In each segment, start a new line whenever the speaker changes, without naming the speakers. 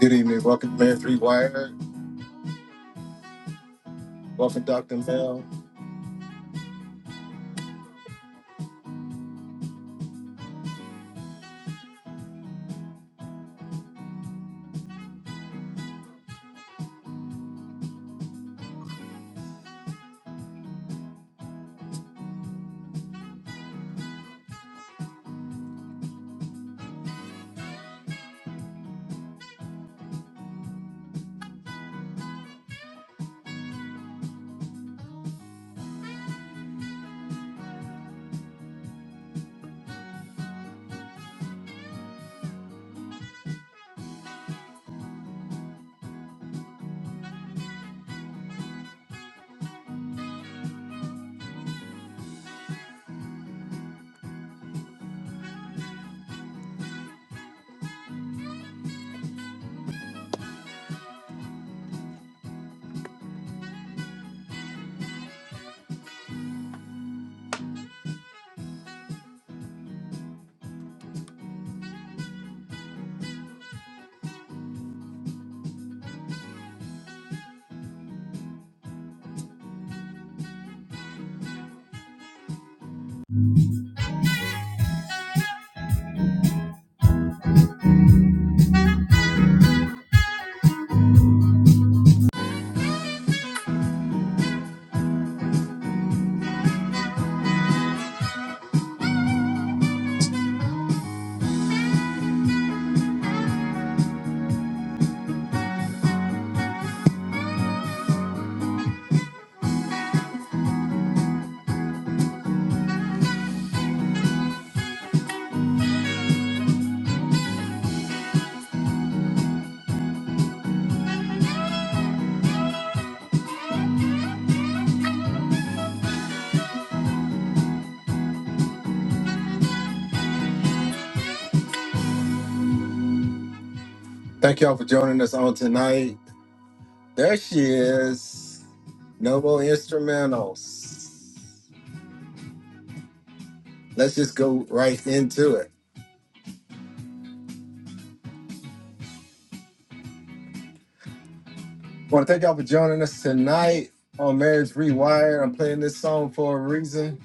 Good evening. Welcome, to Man Three Wire. Welcome, Dr. Mel. Thank y'all for joining us on tonight. There she is. No more instrumentals. Let's just go right into it. want to thank y'all for joining us tonight on Marriage Rewired. I'm playing this song for a reason.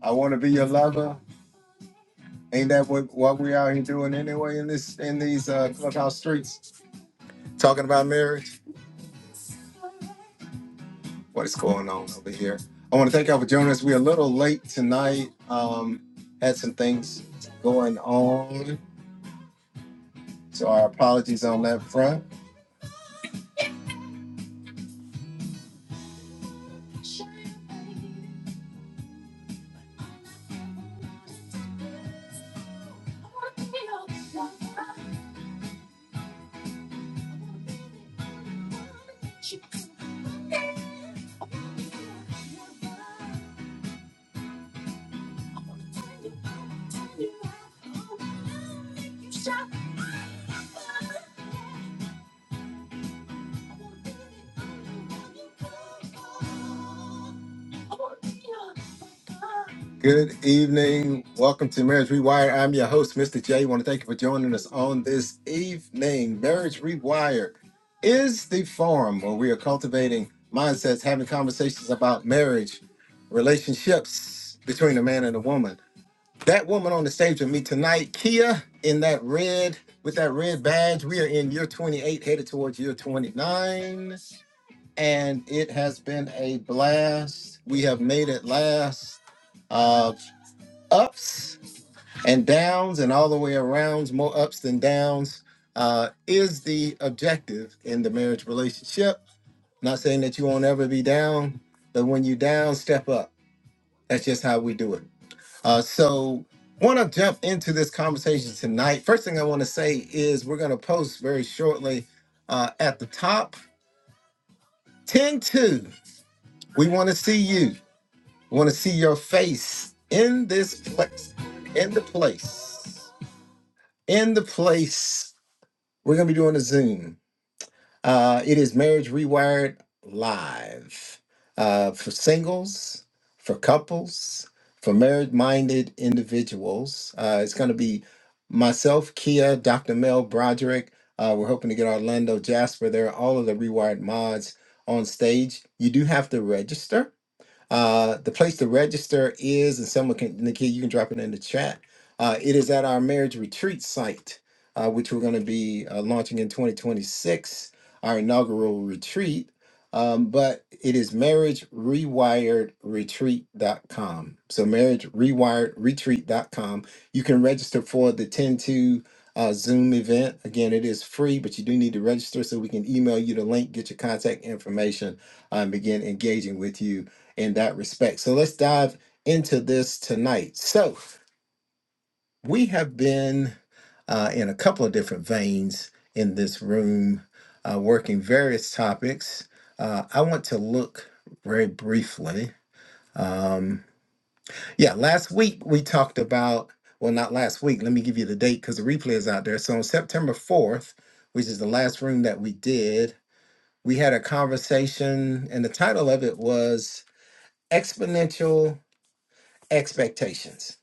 I want to be your lover. Ain't that what, what we out here doing anyway in this in these uh, clubhouse streets? Talking about marriage. what is going on over here. I want to thank y'all for joining us. We're a little late tonight. Um, had some things going on, so our apologies on that front. Good evening. Welcome to Marriage Rewired. I'm your host, Mr. J. I want to thank you for joining us on this evening. Marriage Rewired is the forum where we are cultivating mindsets, having conversations about marriage, relationships between a man and a woman That woman on the stage with me tonight, Kia, in that red, with that red badge, we are in year 28, headed towards year 29. And it has been a blast. We have made it last. Uh, ups and downs, and all the way around, more ups than downs, uh, is the objective in the marriage relationship. Not saying that you won't ever be down, but when you down, step up. That's just how we do it. Uh, so, want to jump into this conversation tonight. First thing I want to say is we're going to post very shortly uh, at the top 10 2. We want to see you. We want to see your face in this place, in the place, in the place. We're going to be doing a Zoom. Uh, it is Marriage Rewired Live uh, for singles, for couples, for married minded individuals. Uh, it's going to be myself, Kia, Dr. Mel Broderick. Uh, we're hoping to get Orlando Jasper there, all of the Rewired mods on stage. You do have to register. Uh, the place to register is, and someone can, Nikki, you can drop it in the chat. Uh, it is at our marriage retreat site, uh, which we're going to be uh, launching in 2026, our inaugural retreat. Um, but it is marriagerewiredretreat.com. So marriagerewiredretreat.com. You can register for the 10:2 uh, Zoom event. Again, it is free, but you do need to register so we can email you the link, get your contact information, and begin engaging with you in that respect. So let's dive into this tonight. So we have been uh, in a couple of different veins in this room, uh, working various topics. Uh, I want to look very briefly. Um, yeah, last week we talked about, well, not last week, let me give you the date because the replay is out there. So on September 4th, which is the last room that we did, we had a conversation, and the title of it was Exponential expectations.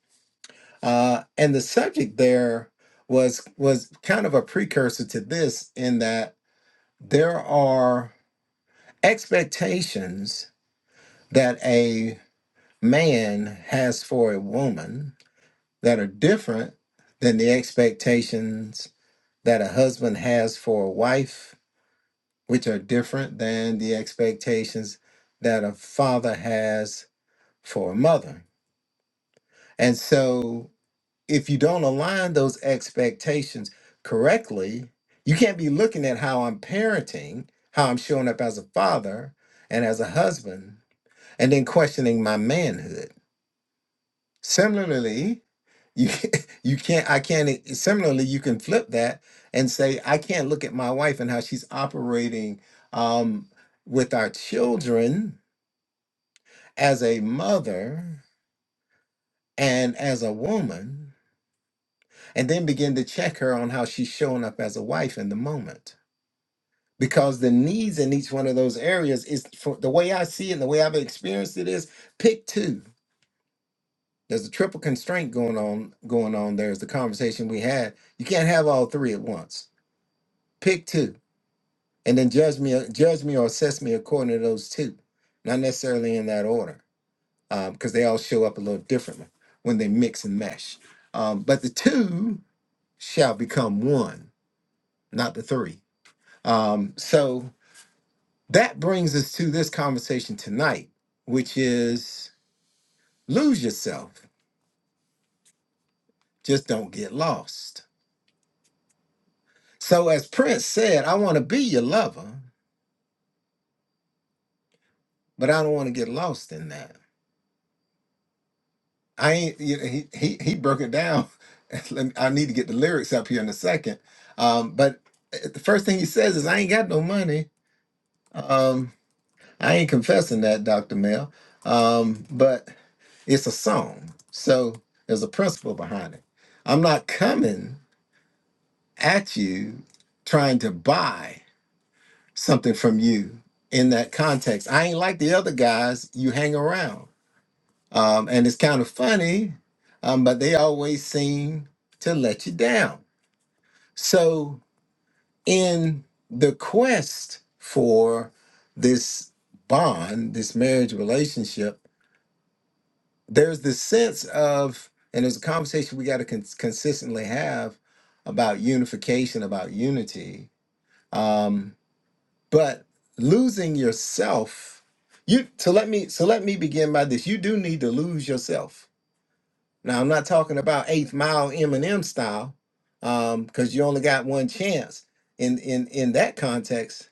Uh, and the subject there was was kind of a precursor to this in that there are expectations that a man has for a woman that are different than the expectations that a husband has for a wife, which are different than the expectations that a father has for a mother. And so if you don't align those expectations correctly, you can't be looking at how I'm parenting, how I'm showing up as a father and as a husband, and then questioning my manhood. Similarly, you you can't I can't similarly you can flip that and say I can't look at my wife and how she's operating um, with our children as a mother and as a woman and then begin to check her on how she's showing up as a wife in the moment. Because the needs in each one of those areas is for the way I see it and the way I've experienced it is pick two. There's a triple constraint going on going on. There's the conversation we had. You can't have all three at once. Pick two. And then judge me judge me or assess me according to those two. Not necessarily in that order. because they all show up a little differently when they mix and mesh. Um, but the two shall become one, not the three Um, so that brings us to this conversation tonight, which is lose yourself, just don't get lost. So, as Prince said, I want to be your lover, but I don't want to get lost in that. I ain't, you know, he, he, he broke it down. Let me- I need to get the lyrics up here in a second. Um, but uh, the first thing he says is, I ain't got no money. Um, I ain't confessing that, Dr. Mel. Um, but It's a song. So there's a principle behind it. I'm not coming at you trying to buy something from you in that context. I ain't like the other guys you hang around. Um, and it's kind of funny, um, but they always seem to let you down. So in the quest for this bond, this marriage relationship, there's this sense of, and there's a conversation we got to con- consistently have about unification, about unity. Um, but losing yourself, you so let me so let me begin by this. You do need to lose yourself. Now I'm not talking about eighth mile Eminem style, um, because you only got one chance in in in that context.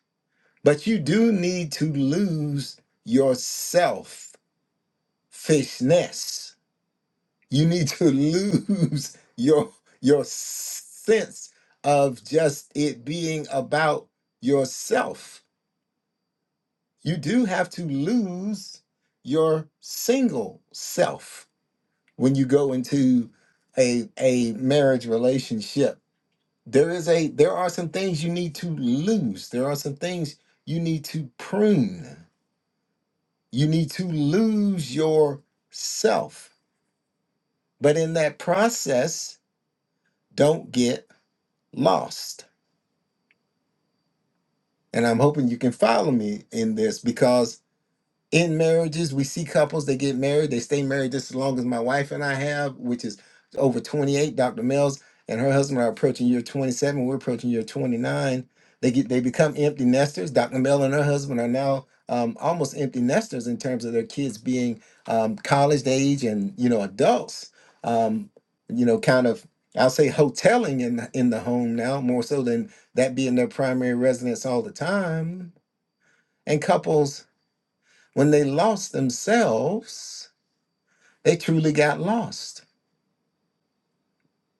But you do need to lose yourself fishness You need to lose your your sense of just it being about yourself. You do have to lose your single self when you go into a a marriage relationship. There is a there are some things you need to lose. There are some things you need to prune. You need to lose yourself. But in that process, don't get lost And I'm hoping you can follow me in this because in marriages we see couples they get married they stay married just as long as my wife and i have which is over 28 dr mills and her husband are approaching year 27 we're approaching year 29 they get they become empty nesters dr Mills and her husband are now um, almost empty nesters in terms of their kids being um, college age and you know adults um, you know kind of i'll say hoteling in the, in the home now more so than that being their primary residence all the time and couples when they lost themselves, they truly got lost.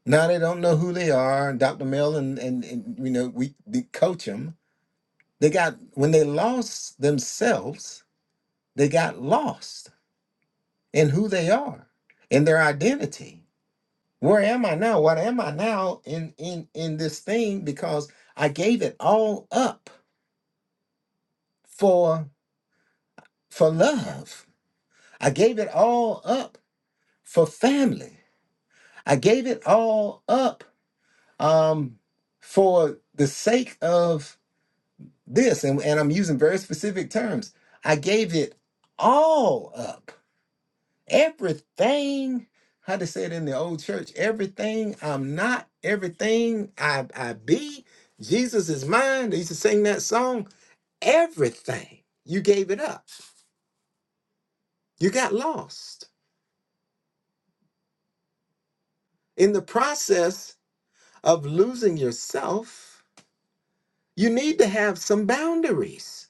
Now they don't know who they are. Dr. Mel and, and, and you know, we we coach them. They got, when they lost themselves, they got lost in who they are, in their identity. Where am I now? What am I now in, in, in this thing? Because I gave it all up for, for love. I gave it all up for family. I gave it all up um, for the sake of this, and, and I'm using very specific terms, I gave it all up. Everything, how they say it in the old church, everything I'm not, everything I, I be, Jesus is mine. They used to sing that song. Everything, you gave it up. You got lost. In the process of losing yourself, you need to have some boundaries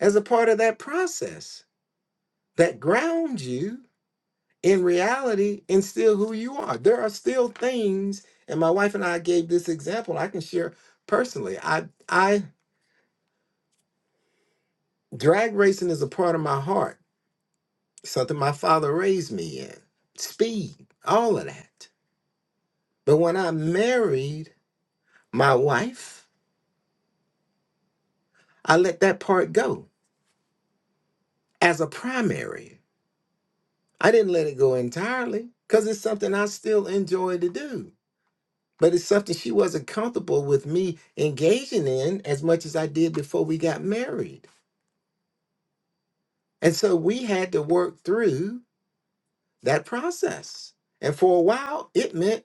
as a part of that process that ground you in reality and still who you are. There are still things, and my wife and I gave this example. I can share personally. I I drag racing is a part of my heart, something my father raised me in. Speed, all of that. But when I married my wife, I let that part go as a primary. I didn't let it go entirely because it's something I still enjoy to do. but it's something she wasn't comfortable with me engaging in as much as I did before we got married. And so we had to work through that process. And for a while, it meant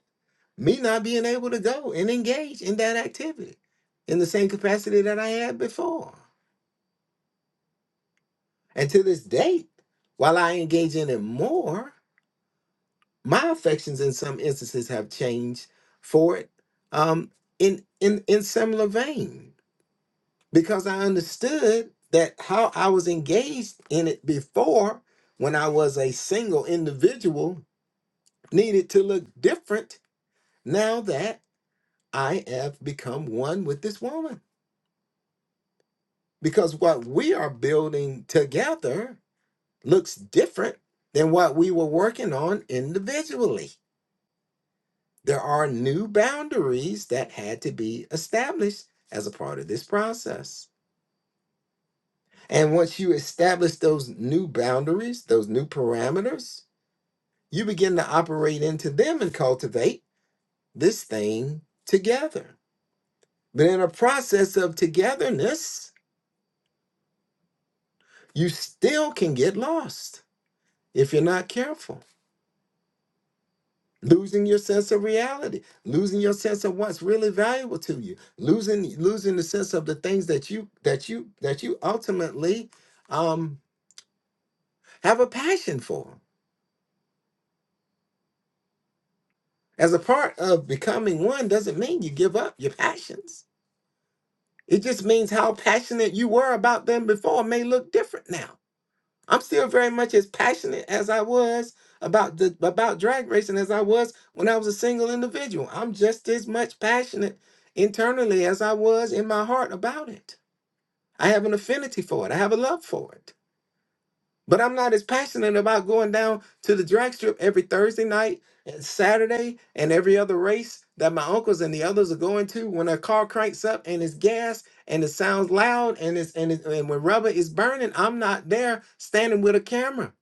me not being able to go and engage in that activity in the same capacity that I had before. And to this date, while I engage in it more, my affections in some instances have changed for it um, in, in, in similar vein. because I understood that how I was engaged in it before when I was a single individual needed to look different now that I have become one with this woman. Because what we are building together looks different than what we were working on individually. There are new boundaries that had to be established as a part of this process. And once you establish those new boundaries, those new parameters, you begin to operate into them and cultivate this thing together. But in a process of togetherness, you still can get lost if you're not careful. Losing your sense of reality, losing your sense of what's really valuable to you, losing losing the sense of the things that you that you that you ultimately um, have a passion for. As a part of becoming one doesn't mean you give up your passions It just means how passionate you were about them before may look different now. I'm still very much as passionate as I was about the about drag racing as I was when I was a single individual. I'm just as much passionate internally as I was in my heart about it. I have an affinity for it. I have a love for it. But I'm not as passionate about going down to the drag strip every Thursday night and Saturday and every other race that my uncles and the others are going to when a car cranks up and it's gas and it sounds loud and it's and, it, and when rubber is burning, I'm not there standing with a camera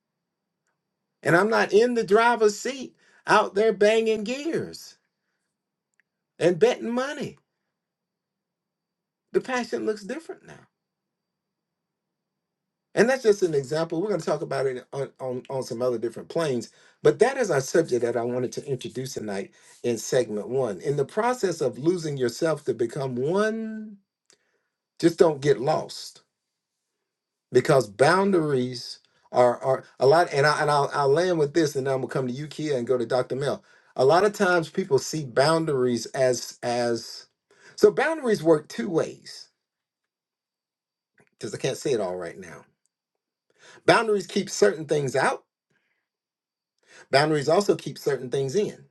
and I'm not in the driver's seat out there banging gears and betting money. The passion looks different now. And that's just an example. We're going to talk about it on, on, on some other different planes. But that is our subject that I wanted to introduce tonight in segment one. In the process of losing yourself to become one, just don't get lost because boundaries are, are a lot. And, I, and I'll, I'll land with this and then I'm going to come to you, Kia, and go to Dr. Mel. A lot of times people see boundaries as as so boundaries work two ways because I can't say it all right now. Boundaries keep certain things out Boundaries also keep certain things in.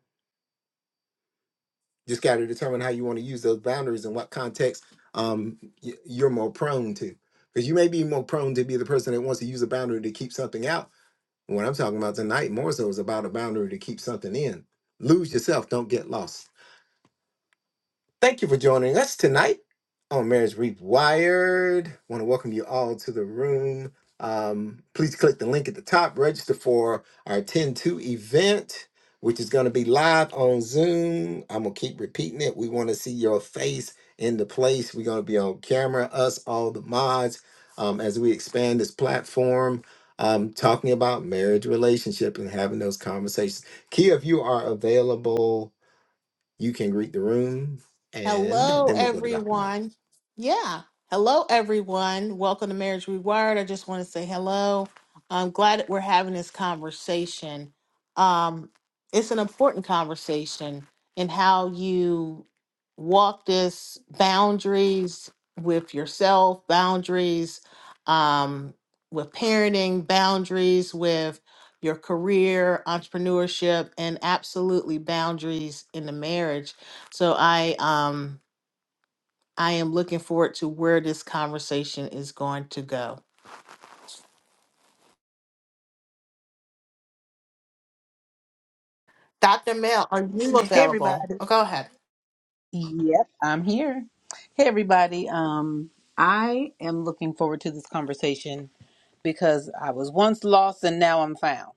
Just got to determine how you want to use those boundaries and what context um, you're more prone to. Because you may be more prone to be the person that wants to use a boundary to keep something out. And What I'm talking about tonight more so is about a boundary to keep something in. Lose yourself, don't get lost. Thank you for joining us tonight on Marriage Rewired. want to welcome you all to the room. Um, please click the link at the top, register for our 10 2 event, which is going to be live on Zoom. I'm going to keep repeating it. We want to see your face in the place. We're going to be on camera, us, all the mods, um, as we expand this platform, um, talking about marriage, relationship, and having those conversations. Kia, if you are available, you can greet the room, and
Hello,
then we'll go to Dr. Mel.
everyone. Yeah. Hello, everyone. Welcome to Marriage Rewired. I just want to say hello. I'm glad that we're having this conversation. Um, it's an important conversation in how you walk this boundaries with yourself, boundaries um, with parenting, boundaries with your career, entrepreneurship, and absolutely boundaries in the marriage so I um I am looking forward to where this conversation is going to go. Dr. Mel, are you
Hey
available?
everybody.
Oh, go ahead.
Yep, I'm here. Hey everybody. Um I am looking forward to this conversation because I was once lost and now I'm found.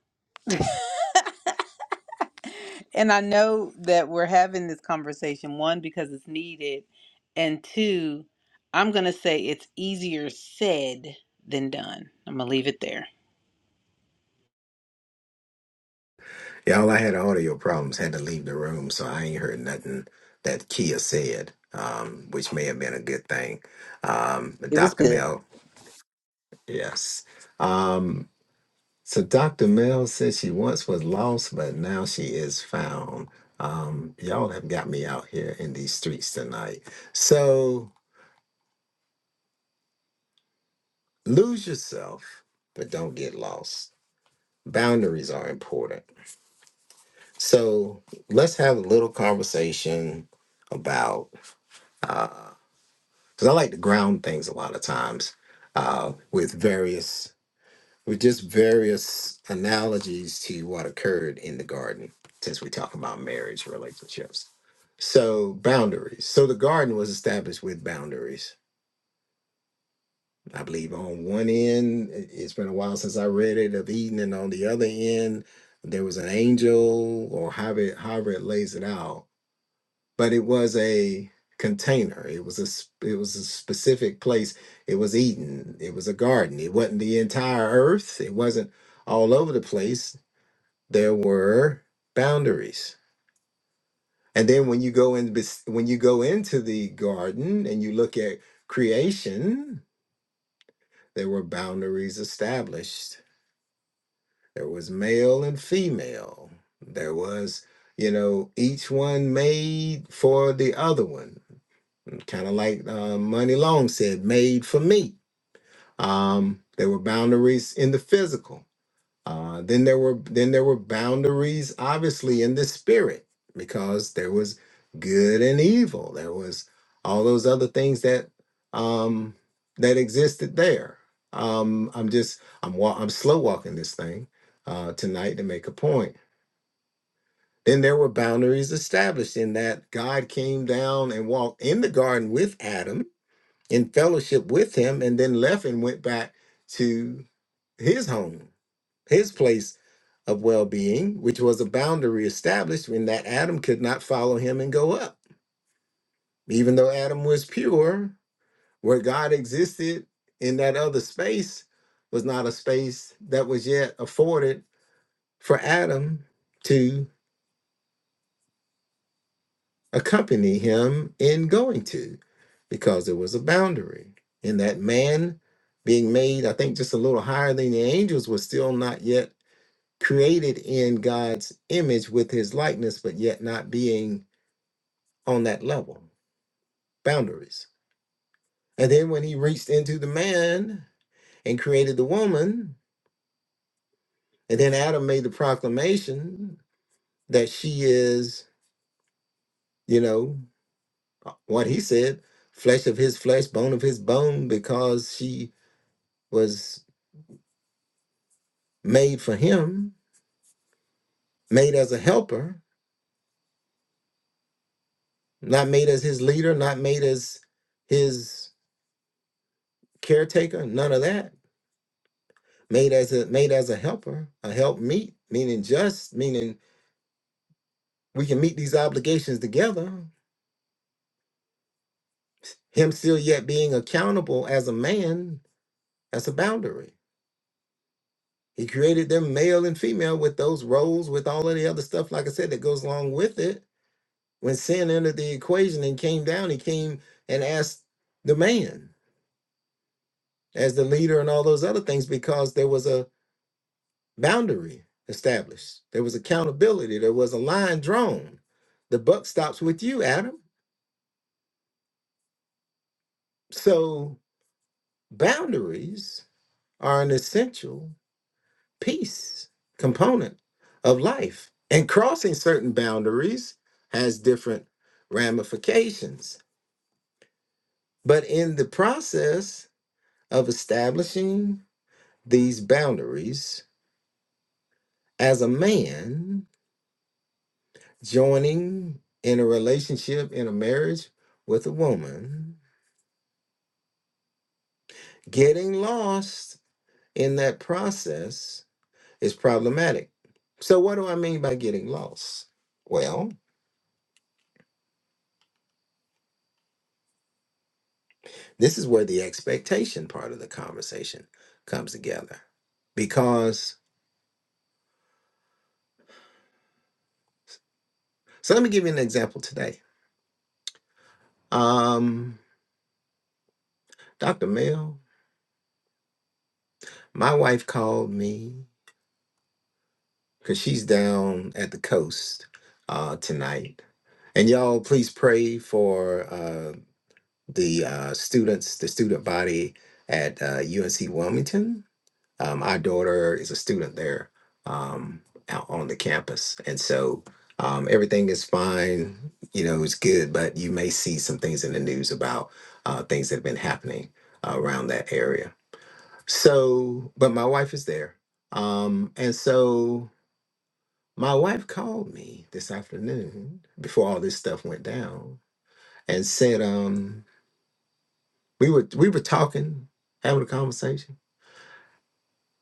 And I know that we're having this conversation one because it's needed and two I'm going to say it's easier said than done. I'm going to leave it there.
Y'all, I had audio problems, had to leave the room, so I ain't heard nothing that Kia said, um, which may have been a good thing. Um, but
It was
Dr.
good.
Mel, yes. Um, so Dr. Mel says she once was lost, but now she is found. Um, y'all have got me out here in these streets tonight. So lose yourself, but don't get lost. Boundaries are important So let's have a little conversation about because I like to ground things a lot of times uh, with various with just various analogies to what occurred in the garden since we talk about marriage relationships. So boundaries. So the garden was established with boundaries. I believe on one end, it- it's been a while since I read it of Eden, and on the other end, there was an angel, or however it, however it lays it out but it was a container it was a it was a specific place it was eden it was a garden it wasn't the entire earth it wasn't all over the place there were boundaries and then when you go in bes- when you go into the garden and you look at creation there were boundaries established there was male and female there was you know each one made for the other one kind of like uh, Money Long said, made for me. Um, there were boundaries in the physical. Uh, then there were then there were boundaries, obviously, in the spirit because there was good and evil. There was all those other things that um, that existed there. Um, I'm just I'm wa- I'm slow walking this thing uh, tonight to make a point. Then there were boundaries established in that God came down and walked in the garden with Adam in fellowship with him and then left and went back to his home, his place of well being, which was a boundary established in that Adam could not follow him and go up. Even though Adam was pure, where God existed in that other space was not a space that was yet afforded for Adam to. accompany him in going to because there was a boundary. And that man being made, I think, just a little higher than the angels was still not yet created in God's image with his likeness, but yet not being on that level, boundaries. And then when he reached into the man and created the woman, and then Adam made the proclamation that she is, you know, what he said, flesh of his flesh, bone of his bone, because she was made for him, made as a helper, not made as his leader, not made as his caretaker, none of that. Made as a made as a helper, a help meet, meaning just, meaning we can meet these obligations together. Him still yet being accountable as a man, that's a boundary. He created them male and female with those roles, with all of the other stuff, like I said, that goes along with it. When sin entered the equation and came down, he came and asked the man. as the leader and all those other things because there was a boundary established. There was accountability. There was a line drawn. The buck stops with you, Adam. So boundaries are an essential piece, component of life. And crossing certain boundaries has different ramifications. But in the process of establishing these boundaries as a man, joining in a relationship, in a marriage with a woman, getting lost in that process is problematic. So, what do I mean by getting lost? Well, this is where the expectation part of the conversation comes together. Because, so let me give you an example today. Um, Dr. Mel, my wife called me because she's down at the coast uh, tonight and y'all please pray for uh, the uh, students, the student body at uh, UNC Wilmington. Um, our daughter is a student there um, out on the campus, and so um, everything is fine. You know, it's good, but you may see some things in the news about uh, things that have been happening uh, around that area. So, but my wife is there, um, and so my wife called me this afternoon before all this stuff went down and said, um, We were we were talking, having a conversation,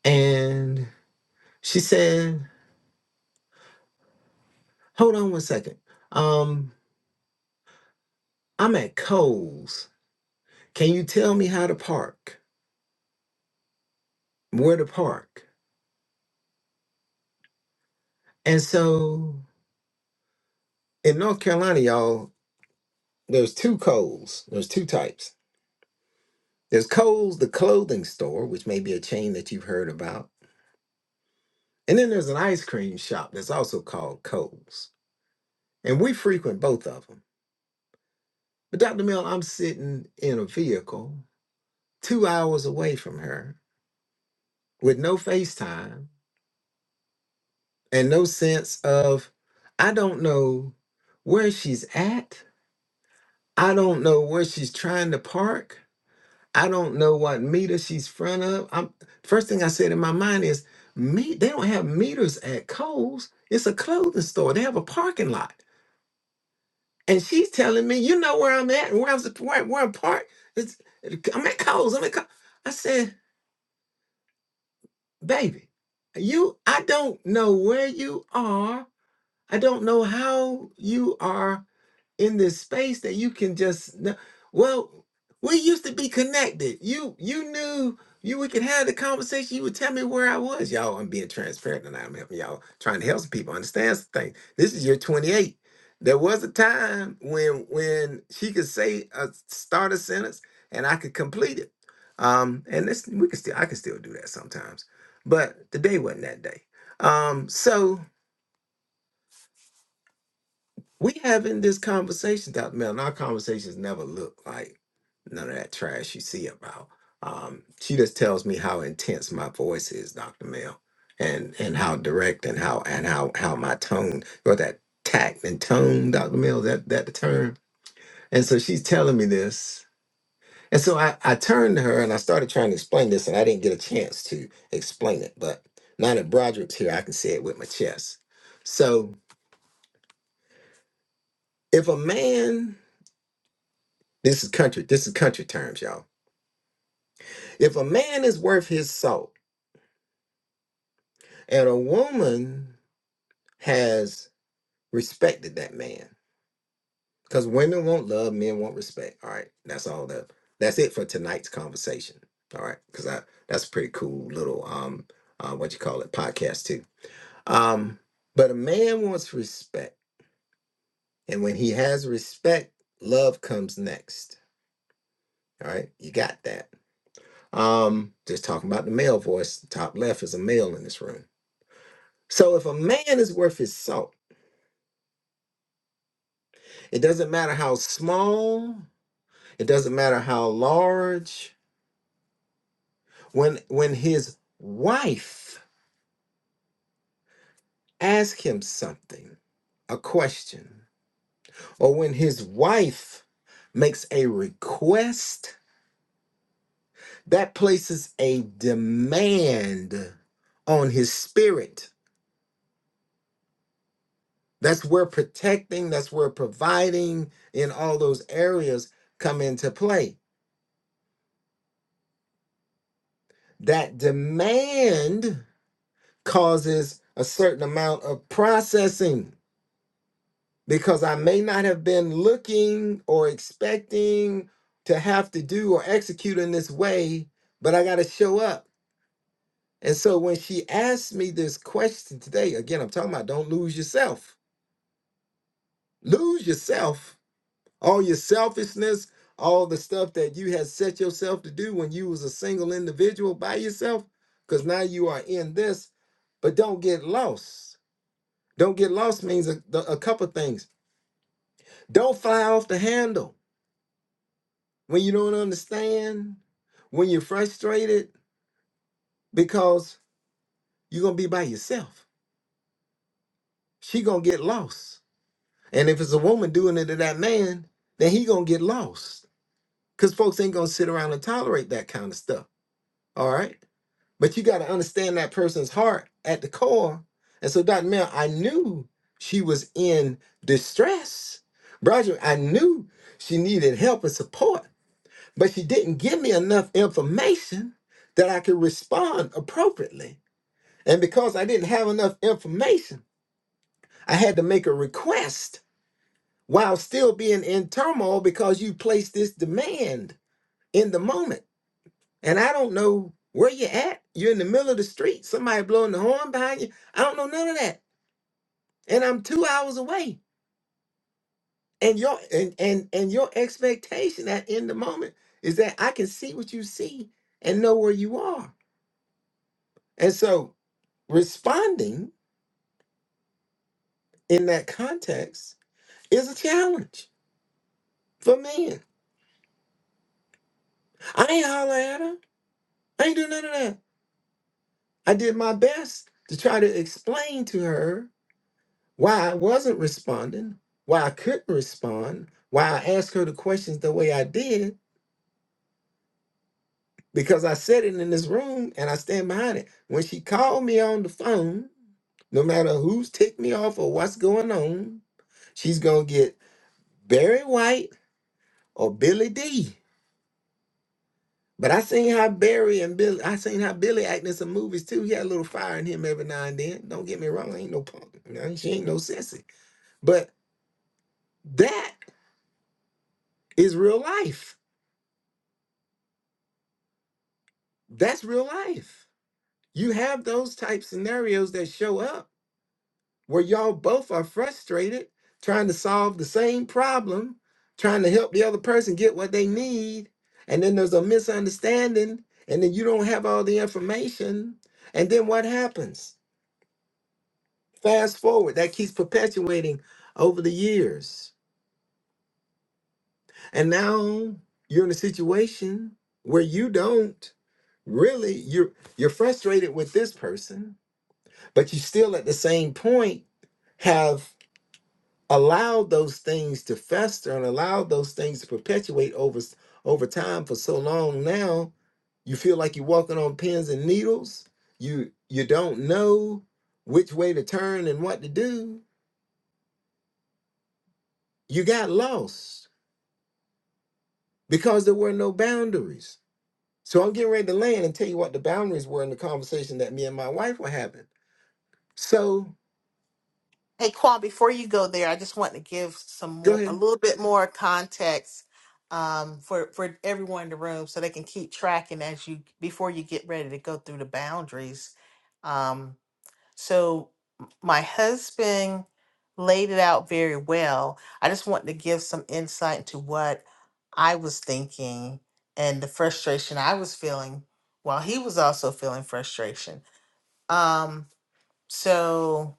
and she said, "Hold on one second. Um, I'm at Coles. Can you tell me how to park? Where to park?" And so, in North Carolina, y'all, there's two Coles. There's two types. There's Coles, the clothing store, which may be a chain that you've heard about, and then there's an ice cream shop that's also called Coles. And we frequent both of them. But Dr. Mill, I'm sitting in a vehicle two hours away from her with no FaceTime and no sense of, I don't know where she's at. I don't know where she's trying to park. I don't know what meter she's front of. I'm first thing I said in my mind is, me, they don't have meters at Kohl's. It's a clothing store. They have a parking lot. And she's telling me, you know where I'm at and where I'm sup- where, where I'm parked. It's, I'm at Kohl's. I'm at Kohl's. I said, baby, you, I don't know where you are. I don't know how you are in this space that you can just kn- well we used to be connected you you knew you we could have the conversation you would tell me where i was y'all i'm being transparent tonight. i'm helping y'all trying to help some people understand some things this is year 28 there was a time when when she could say a start a sentence and i could complete it um and this we can still i can still do that sometimes but today wasn't that day um so we having this conversation, Dr. Mel, and our conversations never look like none of that trash you see about. Um, she just tells me how intense my voice is, Dr. Mel, and and how direct and how and how how my tone or that tact and tone, Dr. Mel, is that that the term. And so she's telling me this. And so I, I turned to her and I started trying to explain this, and I didn't get a chance to explain it. But now that Broderick's here, I can say it with my chest. So if a man This is country. This is country terms, y'all. If a man is worth his salt, and a woman has respected that man, because women want love, men want respect. All right, that's all that. That's it for tonight's conversation. All right, because I that's a pretty cool little um uh, what you call it podcast too. Um, but a man wants respect, and when he has respect, love comes next. All right, you got that. Um, just talking about the male voice. Top left is a male in this room. So if a man is worth his salt, it doesn't matter how small, it doesn't matter how large. When when his wife asks him something, a question, or when his wife makes a request, that places a demand on his spirit. That's where protecting, that's where providing in all those areas come into play. That demand causes a certain amount of processing because I may not have been looking or expecting to have to do or execute in this way, but I got to show up. And so when she asked me this question today, again, I'm talking about don't lose yourself. Lose yourself, all your selfishness, all the stuff that you had set yourself to do when you was a single individual by yourself, because now you are in this, but don't get lost Don't get lost means a, the- a couple things. Don't fly off the handle when you don't understand, when you're frustrated, because you're gonna be by yourself. She gonna get lost. And if it's a woman doing it to that man, then he gonna get lost. Cause folks ain't gonna sit around and tolerate that kind of stuff. All right. But you gotta understand that person's heart at the core. And so Dr. Mel, I knew she was in distress. Roger, I knew she needed help and support but she didn't give me enough information that I could respond appropriately. And because I didn't have enough information, I had to make a request while still being in turmoil because you placed this demand in the moment. And I don't know where you're at. You're in the middle of the street, somebody blowing the horn behind you. I don't know none of that. And I'm two hours away. And your and and and your expectation at in the moment is that I can see what you see and know where you are. And so responding in that context is a challenge for men. I ain't holler at her. I ain't do none of that. I did my best to try to explain to her why I wasn't responding, why I couldn't respond, why I asked her the questions the way I did, because I said it in this room and I stand behind it. When she called me on the phone, no matter who's ticked me off or what's going on, she's gonna get Barry White or Billy D But I seen how Barry and Billy, I seen how Billy act in some movies too. He had a little fire in him every now and then. Don't get me wrong, I ain't no punk. Nah, She ain't no sissy. But that is real life. That's real life. You have those type scenarios that show up where y'all both are frustrated trying to solve the same problem, trying to help the other person get what they need, and then there's a misunderstanding, and then you don't have all the information, and then what happens? Fast forward, that keeps perpetuating over the years. And now you're in a situation where you don't really you're you're frustrated with this person, but you still at the same point have allowed those things to fester and allowed those things to perpetuate over s- over time for so long now you feel like you're walking on pins and needles you you don't know which way to turn and what to do you got lost because there were no boundaries. So I'm getting ready to land and tell you what the boundaries were in the conversation that me and my wife were having. So
Hey Quan, before you go there, I just want to give some
go
more a
ahead.
little bit more context um for for everyone in the room so they can keep tracking as you before you get ready to go through the boundaries. Um, So my husband laid it out very well. I just wanted to give some insight into what I was thinking and the frustration I was feeling while he was also feeling frustration. Um, so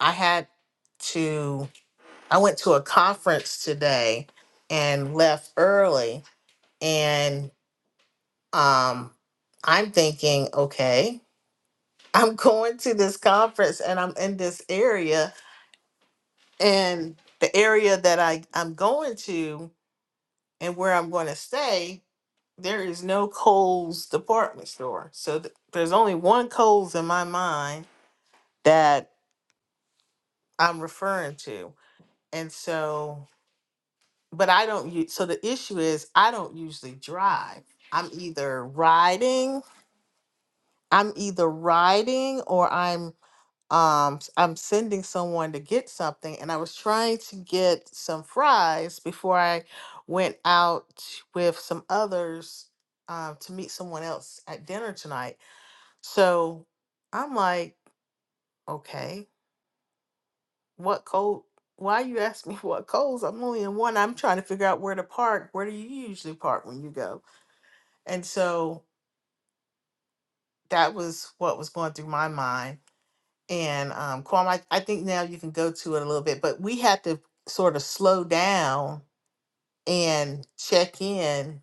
I had to, I went to a conference today and left early. And um, I'm thinking, okay, I'm going to this conference and I'm in this area And the area that I, I'm going to and where I'm going to stay, there is no Kohl's department store. So th- there's only one Kohl's in my mind that I'm referring to. And so, but I don't use, so the issue is I don't usually drive. I'm either riding, I'm either riding or I'm. um s- i'm sending someone to get something and i was trying to get some fries before i went out with some others um to meet someone else at dinner tonight so i'm like okay what code why you ask me what codes i'm only in one i'm trying to figure out where to park where do you usually park when you go and so that was what was going through my mind And um, Quam, I, I think now you can go to it a little bit, but we had to sort of slow down and check in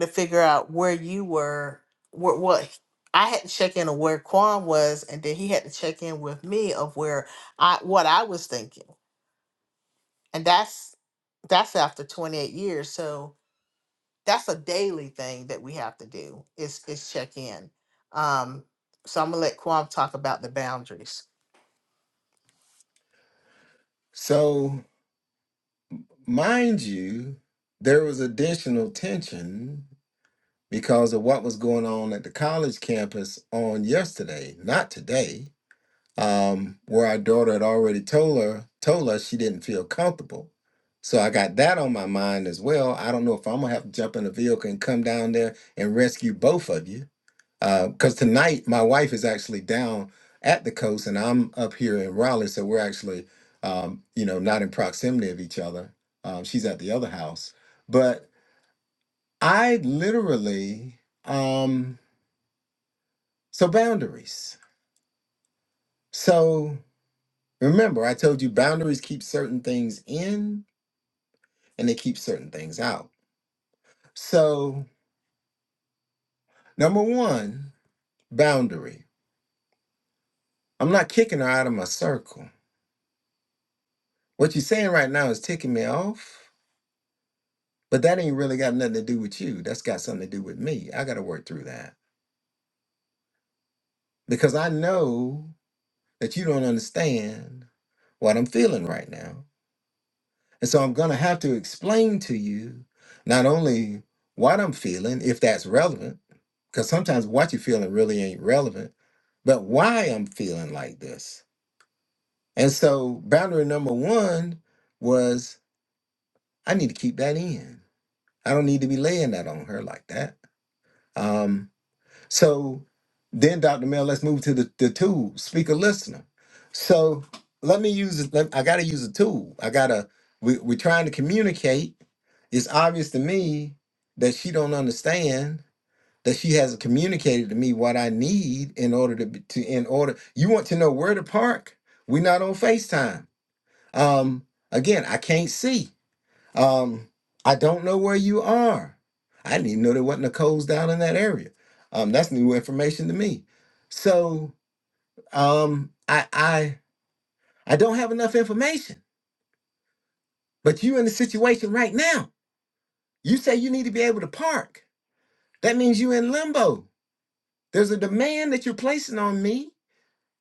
to figure out where you were, what, what I had to check in of where Quam was, and then he had to check in with me of where I, what I was thinking. And that's, that's after 28 years. So that's a daily thing that we have to do is, is check in. Um, so I'm gonna let Quam talk about the boundaries.
So, mind you, there was additional tension because of what was going on at the college campus on yesterday, not today, um, where our daughter had already told her told us she didn't feel comfortable. So I got that on my mind as well. I don't know if I'm gonna have to jump in a vehicle and come down there and rescue both of you because tonight my wife is actually down at the coast and I'm up here in Raleigh, so we're actually, um, you know, not in proximity of each other. Um, she's at the other house, but I literally um, so boundaries. So remember, I told you boundaries keep certain things in and they keep certain things out. So number one, boundary. I'm not kicking her out of my circle. What you're saying right now is ticking me off But that ain't really got nothing to do with you. That's got something to do with me. I got to work through that because I know that you don't understand what I'm feeling right now. And so I'm going to have to explain to you not only what I'm feeling, if that's relevant, because sometimes what you're feeling really ain't relevant, but why I'm feeling like this. And so boundary number one was I need to keep that in. I don't need to be laying that on her like that. Um, So then, Dr. Mel, let's move to the, the tool, speaker listener. So let me use let, I gotta use a tool. I gotta we, we're trying to communicate. It's obvious to me that she don't understand that she hasn't communicated to me what I need in order to be- to in order you want to know where to park? We're not on FaceTime. Um again, I can't see. Um, I don't know where you are. I didn't even know there wasn't a Coles down in that area. Um, that's new information to me. So um, I I I don't have enough information. But you in the situation right now. You say you need to be able to park. That means you in limbo. There's a demand that you're placing on me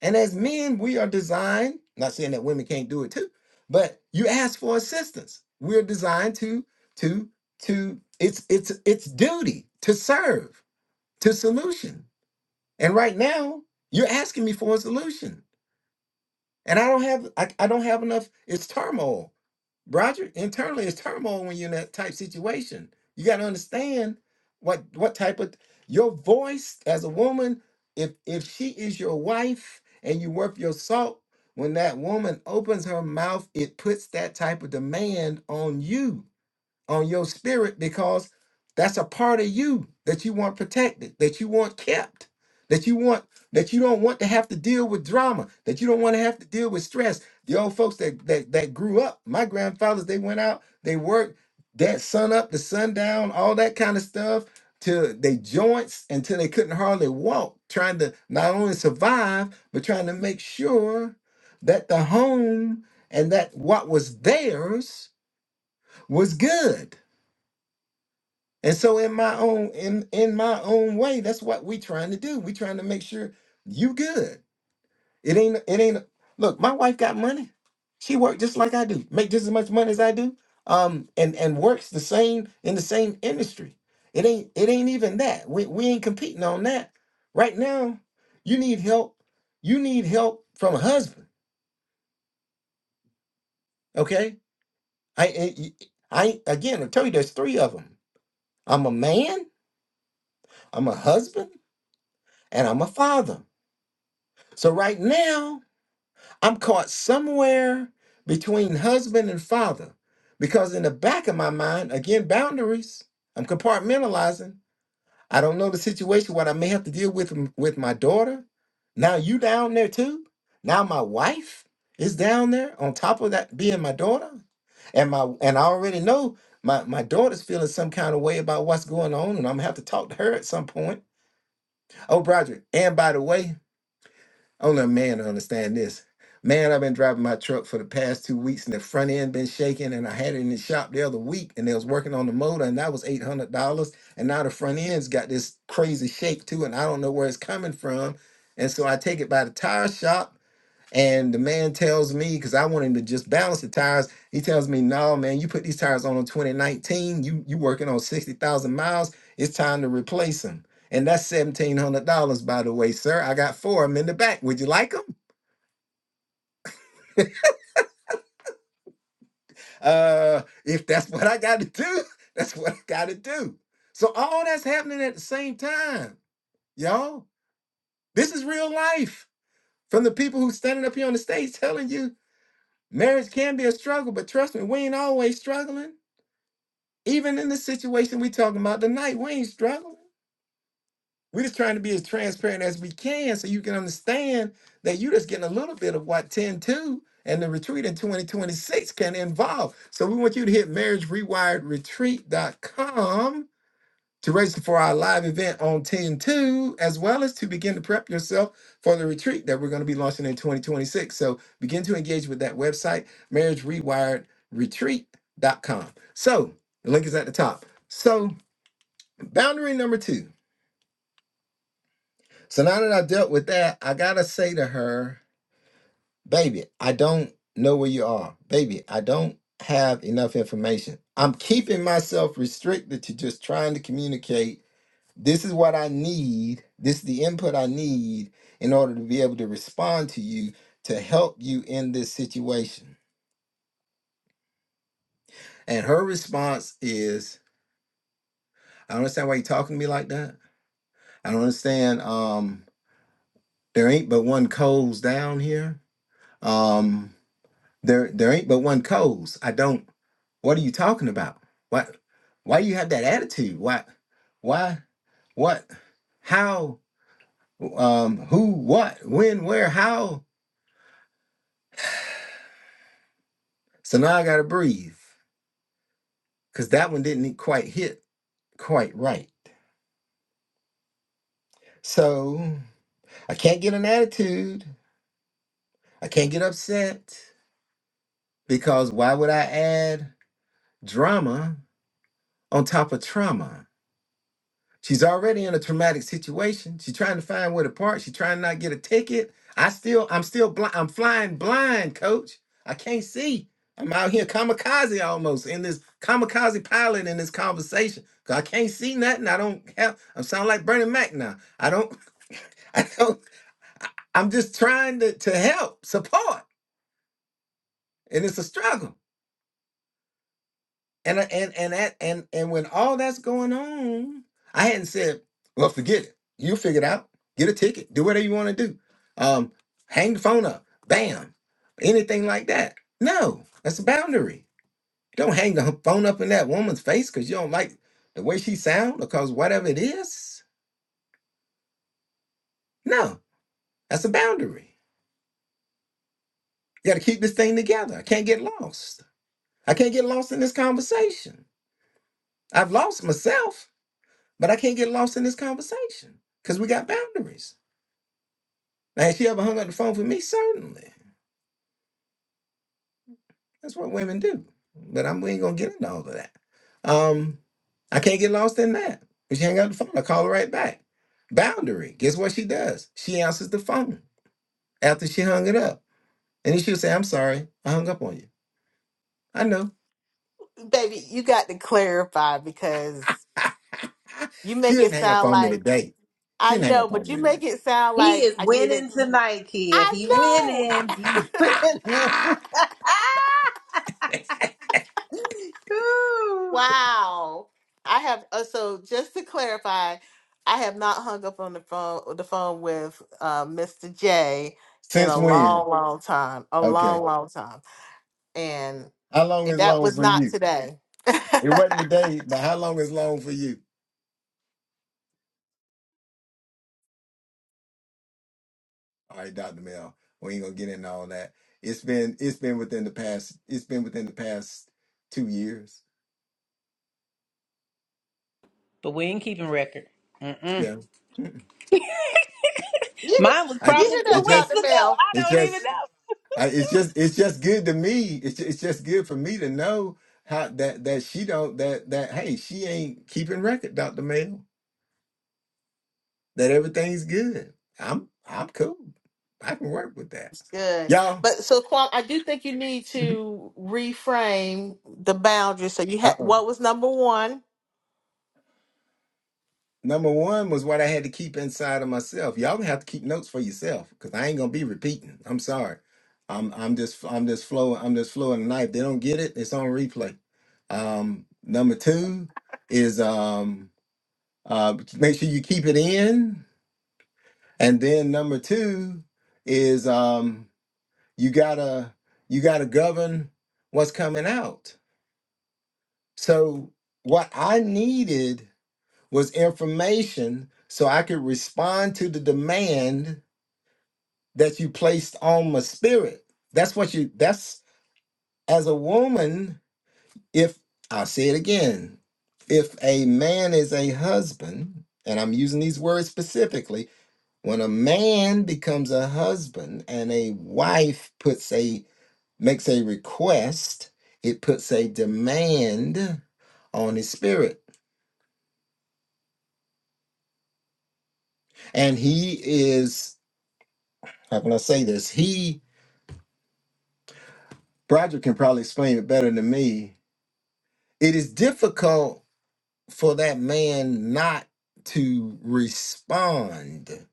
And as men, we are designed, not saying that women can't do it too, but you ask for assistance. We're designed to, to, to, it's it's it's duty to serve, to solution. And right now, you're asking me for a solution. And I don't have I, I don't have enough. It's turmoil. Roger, internally it's turmoil when you're in that type situation. You gotta understand what what type of your voice as a woman, if if she is your wife and you worth your salt, when that woman opens her mouth, it puts that type of demand on you on your spirit because that's a part of you that you want protected, that you want kept, that you want that you don't want to have to deal with drama, that you don't want to have to deal with stress. The old folks that that that grew up, my grandfathers, they went out, they worked that sun up the sundown, all that kind of stuff till they joints until they couldn't hardly walk, trying to not only survive, but trying to make sure that the home and that what was theirs was good and so in my own in in my own way, that's what we trying to do. We trying to make sure you good. It ain't it ain't look, my wife got money. She work just like I do, make just as much money as I do. Um and and works the same in the same industry. It ain't it ain't even that. We we ain't competing on that. Right now, you need help. You need help from a husband, okay? I I, I again, I tell you there's three of them. I'm a man, I'm a husband, and I'm a father. So right now, I'm caught somewhere between husband and father because in the back of my mind, again, boundaries, I'm compartmentalizing. I don't know the situation, what I may have to deal with m- with my daughter. Now you down there too. Now my wife is down there on top of that being my daughter. And my and I already know my, my daughter's feeling some kind of way about what's going on, and I'm gonna have to talk to her at some point. Oh, Broderick, and by the way, only a man to understand this. Man, I've been driving my truck for the past two weeks and the front end been shaking and I had it in the shop the other week and they was working on the motor and that was eight hundred dollars and now the front end's got this crazy shake too and I don't know where it's coming from. And so I take it by the tire shop and the man tells me, because I want him to just balance the tires, he tells me, no, man, you put these tires on in 2019, you you working on 60,000 miles, it's time to replace them. And that's $1,700, by the way, sir. I got four of them in the back. Would you like them? Uh, if that's what I got to do, that's what I got to do. So all that's happening at the same time, y'all. This is real life from the people who's standing up here on the stage telling you marriage can be a struggle, but trust me, we ain't always struggling Even in the situation we talking about tonight, we ain't struggling. we are just trying to be as transparent as we can so you can understand that you are just getting a little bit of what 10 2 and the retreat in 2026 can involve. So we want you to hit marriagerewiredretreat.com to register for our live event on 10 2, as well as to begin to prep yourself for the retreat that we're going to be launching in 2026. So begin to engage with that website, marriagerewiredretreat.com. So the link is at the top. So Boundary number two. So now that I dealt with that, I gotta say to her, baby, I don't know where you are. Baby, I don't have enough information. I'm keeping myself restricted to just trying to communicate. This is what I need. This is the input I need in order to be able to respond to you to help you in this situation. And her response is, I don't understand why you're talking to me like that. I don't understand. Um, there ain't but one Coles down here. Um, There there ain't but one cause. I don't what are you talking about? Why why you have that attitude? Why why what how um who what when where how? So now I gotta breathe. Cause that one didn't e, quite hit quite right. So I can't get an attitude. I can't get upset because why would I add drama on top of trauma? She's already in a traumatic situation. She's trying to find where to park. She's trying to not get a ticket. I still, I'm still blind. I'm flying blind, coach. I can't see. I'm out here kamikaze almost in this kamikaze pilot in this conversation. 'Cause I can't see nothing. I don't have, I sound like Bernie Mac now. I don't, I don't, I- I'm just trying to, to help, support. And it's a struggle. And I- and and that and and when all that's going on, I hadn't said, well, forget it. You figure it out. Get a ticket. Do whatever you want to do. Um, hang the phone up. Bam. Anything like that. No, that's a boundary. Don't hang the h- phone up in that woman's face because you don't like the way she sound or because whatever it is. No, that's a boundary. You got to keep this thing together. I can't get lost. I can't get lost in this conversation. I've lost myself. But I can't get lost in this conversation because we got boundaries. Now, has she ever hung up the phone for me? Certainly. That's what women do. But I'm, we ain't going to get into all of that. Um, I can't get lost in that. If she hang up the phone, I call her right back. Boundary. Guess what she does? She answers the phone after she hung it up. And then she'll say, I'm sorry. I hung up on you. I know.
Baby, you got to clarify because you
she
make it
didn't hang up
sound
on me
like
today. She
I
didn't hang
know,
up on
but
me
you
today.
make it sound
He
like
is
I did it.
winning tonight, Kia.
I
He
know.
winning. He's
I,
winning. Ooh.
wow. I have uh, so just to clarify, I have not hung up on the phone uh, the phone with uh, Mr. J in
Since
a
when?
long, long time, a
Okay.
long, long time, and
How long
and
is
that
long
was
for
not
you?
today. you
It wasn't today, but how long is long for you? All right, Dr. Mel, we ain't gonna get into all that. It's been it's been within the past it's been within the past two years.
But we ain't keeping record. Mm-mm.
Yeah, Mm.
Mine was
I
you
probably
hear
it
two
that,
weeks
Doctor
just
ago.
Mel?
I
it
don't even
just
know.
I, it's just it's just good to me. It's just, it's just good for me to know how that that she don't that that hey she ain't keeping record, Dr. Mel. That everything's good. I'm I'm cool. I can work with that,
Good.
y'all.
But so Quan, I do think you need to reframe the boundaries. So you had
Uh
what was number one?
Number one was what I had to keep inside of myself. Y'all gonna have to keep notes for yourself because I ain't gonna be repeating. I'm sorry. I'm I'm just I'm just flowing I'm just flowing the knife. They don't get it. It's on replay. Um, number two is um uh make sure you keep it in, and then number two is um you gotta you gotta govern what's coming out. So what I needed. was information so I could respond to the demand that you placed on my spirit. That's what you, that's as a woman, if I'll say it again, if a man is a husband, and I'm using these words specifically, when a man becomes a husband and a wife puts a makes a request, it puts a demand on his spirit. And he is, how can I say this? He Broderick can probably explain it better than me. It is difficult for that man not to respond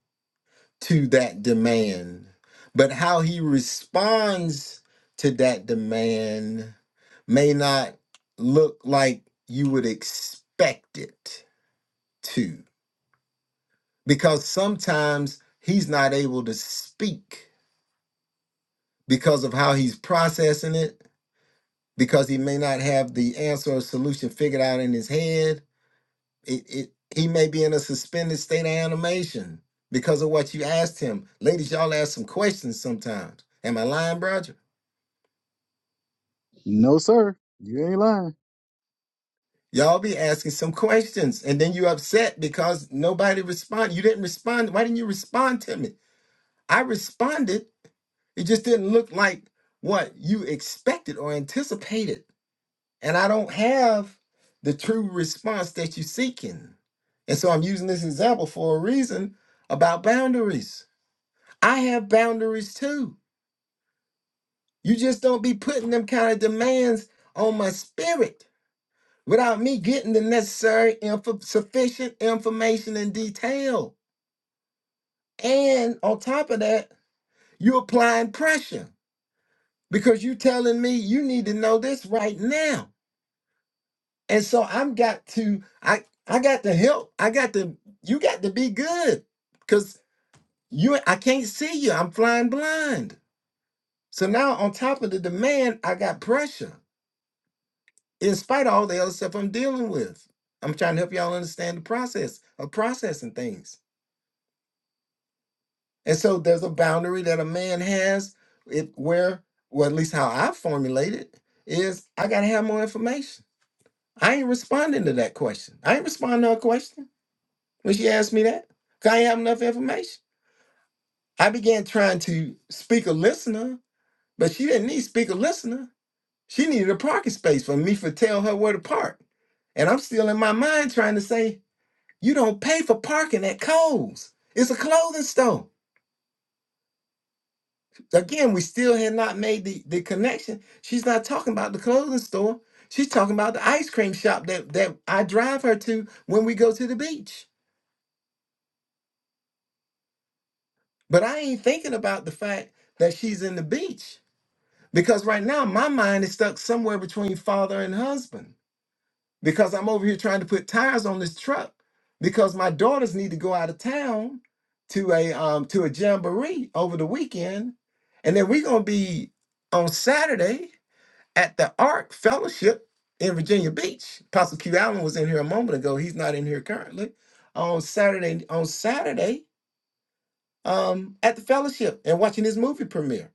to that demand, but how he responds to that demand may not look like you would expect it to, because sometimes he's not able to speak because of how he's processing it, because he may not have the answer or solution figured out in his head it, it, he may be in a suspended state of animation because of what you asked him. Ladies, y'all ask some questions sometimes. Am I lying, Roger?
No, sir. You ain't lying.
Y'all be asking some questions and then you upset because nobody responded. You didn't respond. Why didn't you respond to me? I responded. It just didn't look like what you expected or anticipated. And I don't have the true response that you're seeking. And so I'm using this example for a reason about boundaries I have boundaries too. You just don't be putting them kind of demands on my spirit without me getting the necessary info, sufficient information and detail. And on top of that, you applying pressure because you are telling me you need to know this right now. And so I'm got to I I got to help. I got to you got to be good because you I can't see you. I'm flying blind. So now on top of the demand, I got pressure. in spite of all the other stuff I'm dealing with. I'm trying to help y'all understand the process of processing things. And so there's a boundary that a man has it where, well, at least how I formulate it, is I gotta have more information. I ain't responding to that question. I ain't responding to her question when she asked me that. 'cause I ain't have enough information. I began trying to speak a listener, but she didn't need speak a listener. She needed a parking space for me to tell her where to park. And I'm still in my mind trying to say, You don't pay for parking at Kohl's. It's a clothing store. Again, we still have not made the, the connection. She's not talking about the clothing store. She's talking about the ice cream shop that, that I drive her to when we go to the beach. But I ain't thinking about the fact that she's in the beach because right now my mind is stuck somewhere between father and husband. because I'm over here trying to put tires on this truck because my daughters need to go out of town to a um to a jamboree over the weekend, and then we're gonna be on Saturday at the Ark Fellowship in Virginia Beach. Pastor Q Allen was in here a moment ago. He's not in here currently. On Saturday, on Saturday, um, at the fellowship and watching this movie premiere.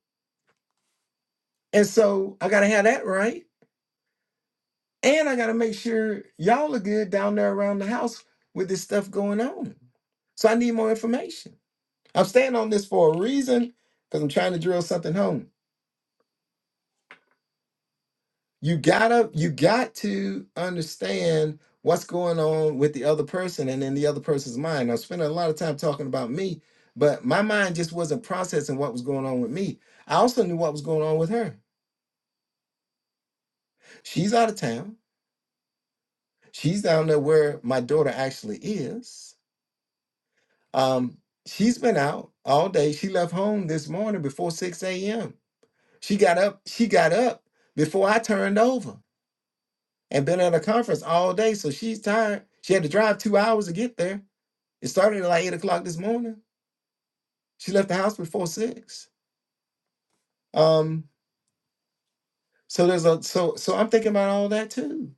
And so I gotta have that right. And I gotta make sure y'all are good down there around the house with this stuff going on. So I need more information. I'm staying on this for a reason because I'm trying to drill something home. You gotta, you got to understand what's going on with the other person and in the other person's mind. I'm spending a lot of time talking about me, but my mind just wasn't processing what was going on with me. I also knew what was going on with her. She's out of town. She's down there where my daughter actually is Um, she's been out all day. She left home this morning before 6 a.m. She got up, she got up before I turned over and been at a conference all day. So she's tired. She had to drive two hours to get there. It started at like eight o'clock this morning. She left the house before six. Um, so there's a so so I'm thinking about all that too.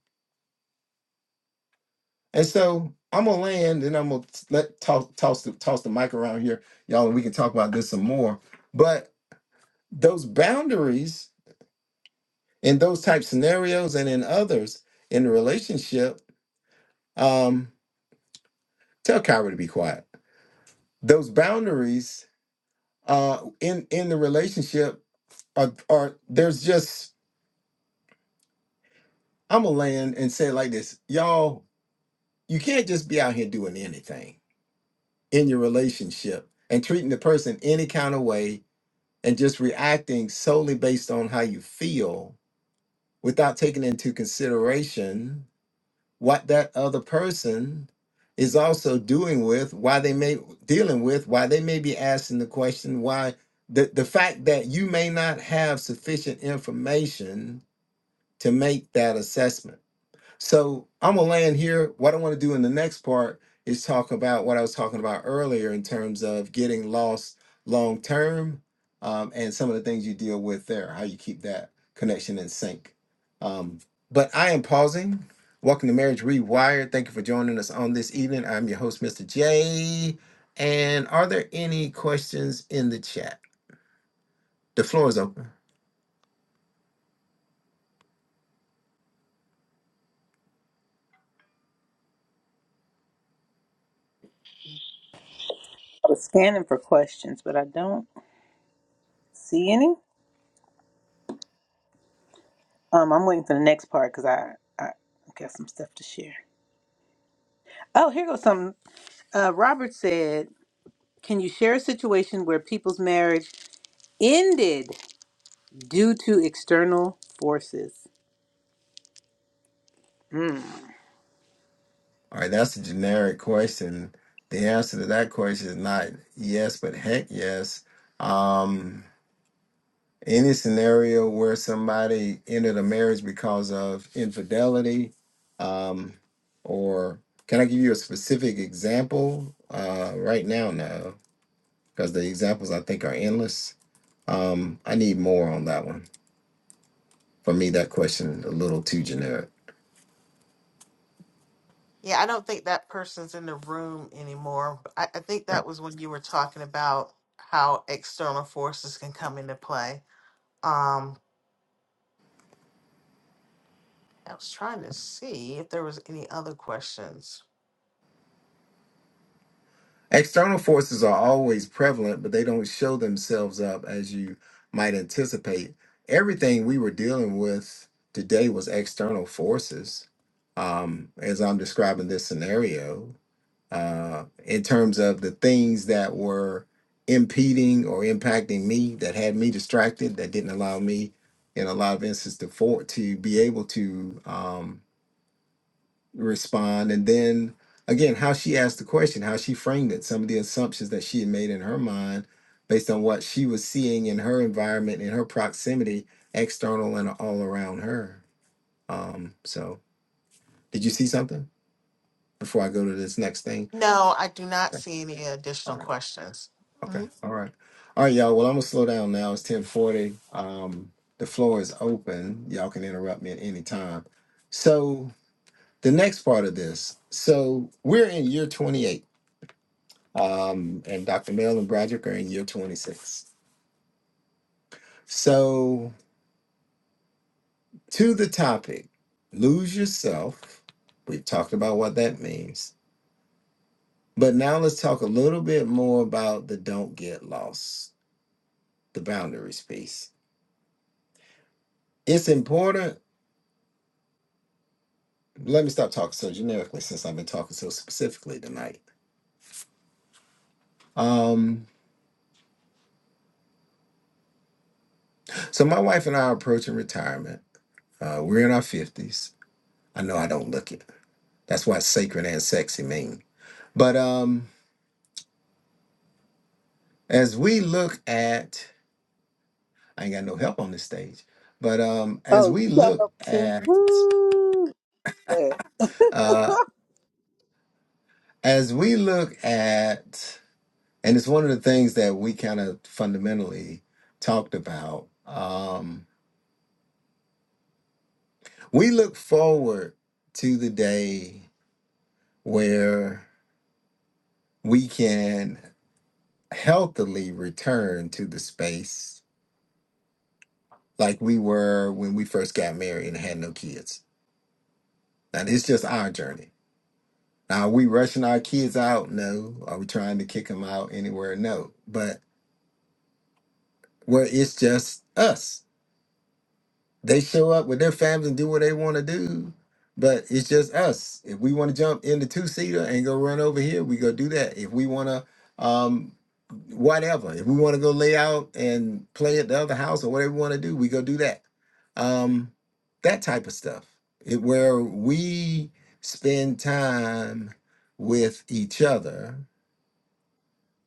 And so I'm gonna land and I'm gonna t- let toss toss the toss the mic around here, y'all, and we can talk about this some more. But those boundaries in those type scenarios and in others in the relationship um tell kyra to be quiet those boundaries uh in in the relationship are are there's just i'm gonna land and say it like this y'all you can't just be out here doing anything in your relationship and treating the person any kind of way and just reacting solely based on how you feel without taking into consideration what that other person is also doing with why they may dealing with why they may be asking the question why the, the fact that you may not have sufficient information to make that assessment so I'm gonna land here. What I want to do in the next part is talk about what I was talking about earlier in terms of getting lost long term, um, and some of the things you deal with there, how you keep that connection in sync. Um, but I am pausing. Welcome to Marriage Rewired. Thank you for joining us on this evening. I'm your host, Mr. J. And are there any questions in the chat? The floor is open.
I was scanning for questions, but I don't see any. Um, I'm waiting for the next part because I, I got some stuff to share. Oh, here goes something. Uh, Robert said, "Can you share a situation where people's marriage ended due to external forces?"
All right, that's a generic question. The answer to that question is not yes, but heck yes. Um, any scenario where somebody ended a marriage because of infidelity, um, or can I give you a specific example? Uh, right now, no, because the examples I think are endless. Um, I need more on that one. For me, that question a little too generic.
Yeah, I don't think that person's in the room anymore. I, I think that was when you were talking about how external forces can come into play. Um, I was trying to see if there was any other questions.
External forces are always prevalent, but they don't show themselves up as you might anticipate. Everything we were dealing with today was external forces, um, as I'm describing this scenario, uh, in terms of the things that were impeding or impacting me, that had me distracted, that didn't allow me, in a lot of instances, to, for- to be able to. Um, respond and then again how she asked the question how she framed it some of the assumptions that she had made in her mind based on what she was seeing in her environment in her proximity external and all around her um so did you see something before i go to this next thing
No, I do not see any
all
additional
right
questions. Mm-hmm.
okay all right all right y'all well i'm gonna slow down now it's 1040 um the floor is open y'all can interrupt me at any time so the next part of this so we're in year 28 Um, and Dr. Mel and Broderick are in year 26. So, to the topic, lose yourself. We've talked about what that means. But now let's talk a little bit more about the don't get lost, the boundaries piece. It's important. Let me stop talking so generically since I've been talking so specifically tonight. Um, so, my wife and I are approaching retirement. Uh, we're in our 50s. I know I don't look it. That's what sacred and sexy mean. But um, As we look at, I ain't got no help on this stage, but um, as
Oh,
we
you got
look
help, see?
at,
Woo! Yeah.
uh, as we look at, and it's one of the things that we kind of fundamentally talked about. Um, we look forward to the day where we can healthily return to the space like we were when we first got married and had no kids. Now it's just our journey Now, are we rushing our kids out? No. Are we trying to kick them out anywhere? No. But where it's just us, they show up with their families and do what they want to do. But it's just us. If we want to jump in the two seater and go run over here, we go do that. If we want to, um, whatever. If we want to go lay out and play at the other house or whatever we want to do, we go do that. Um, that type of stuff. It, where we spend time with each other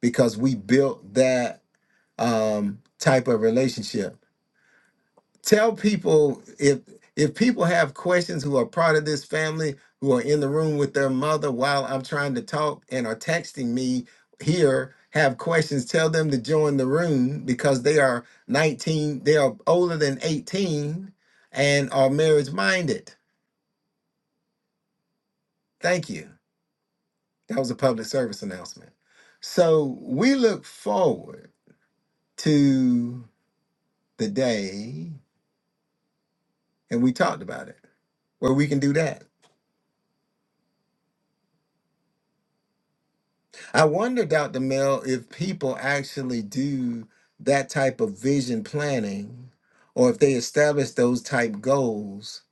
because we built that um, type of relationship. Tell people if if people have questions who are part of this family who are in the room with their mother while I'm trying to talk and are texting me here have questions tell them to join the room because they are 19 they are older than 18 and are marriage minded thank you that was a public service announcement so we look forward to the day and we talked about it where we can do that i wonder dr mel if people actually do that type of vision planning or if they establish those type goals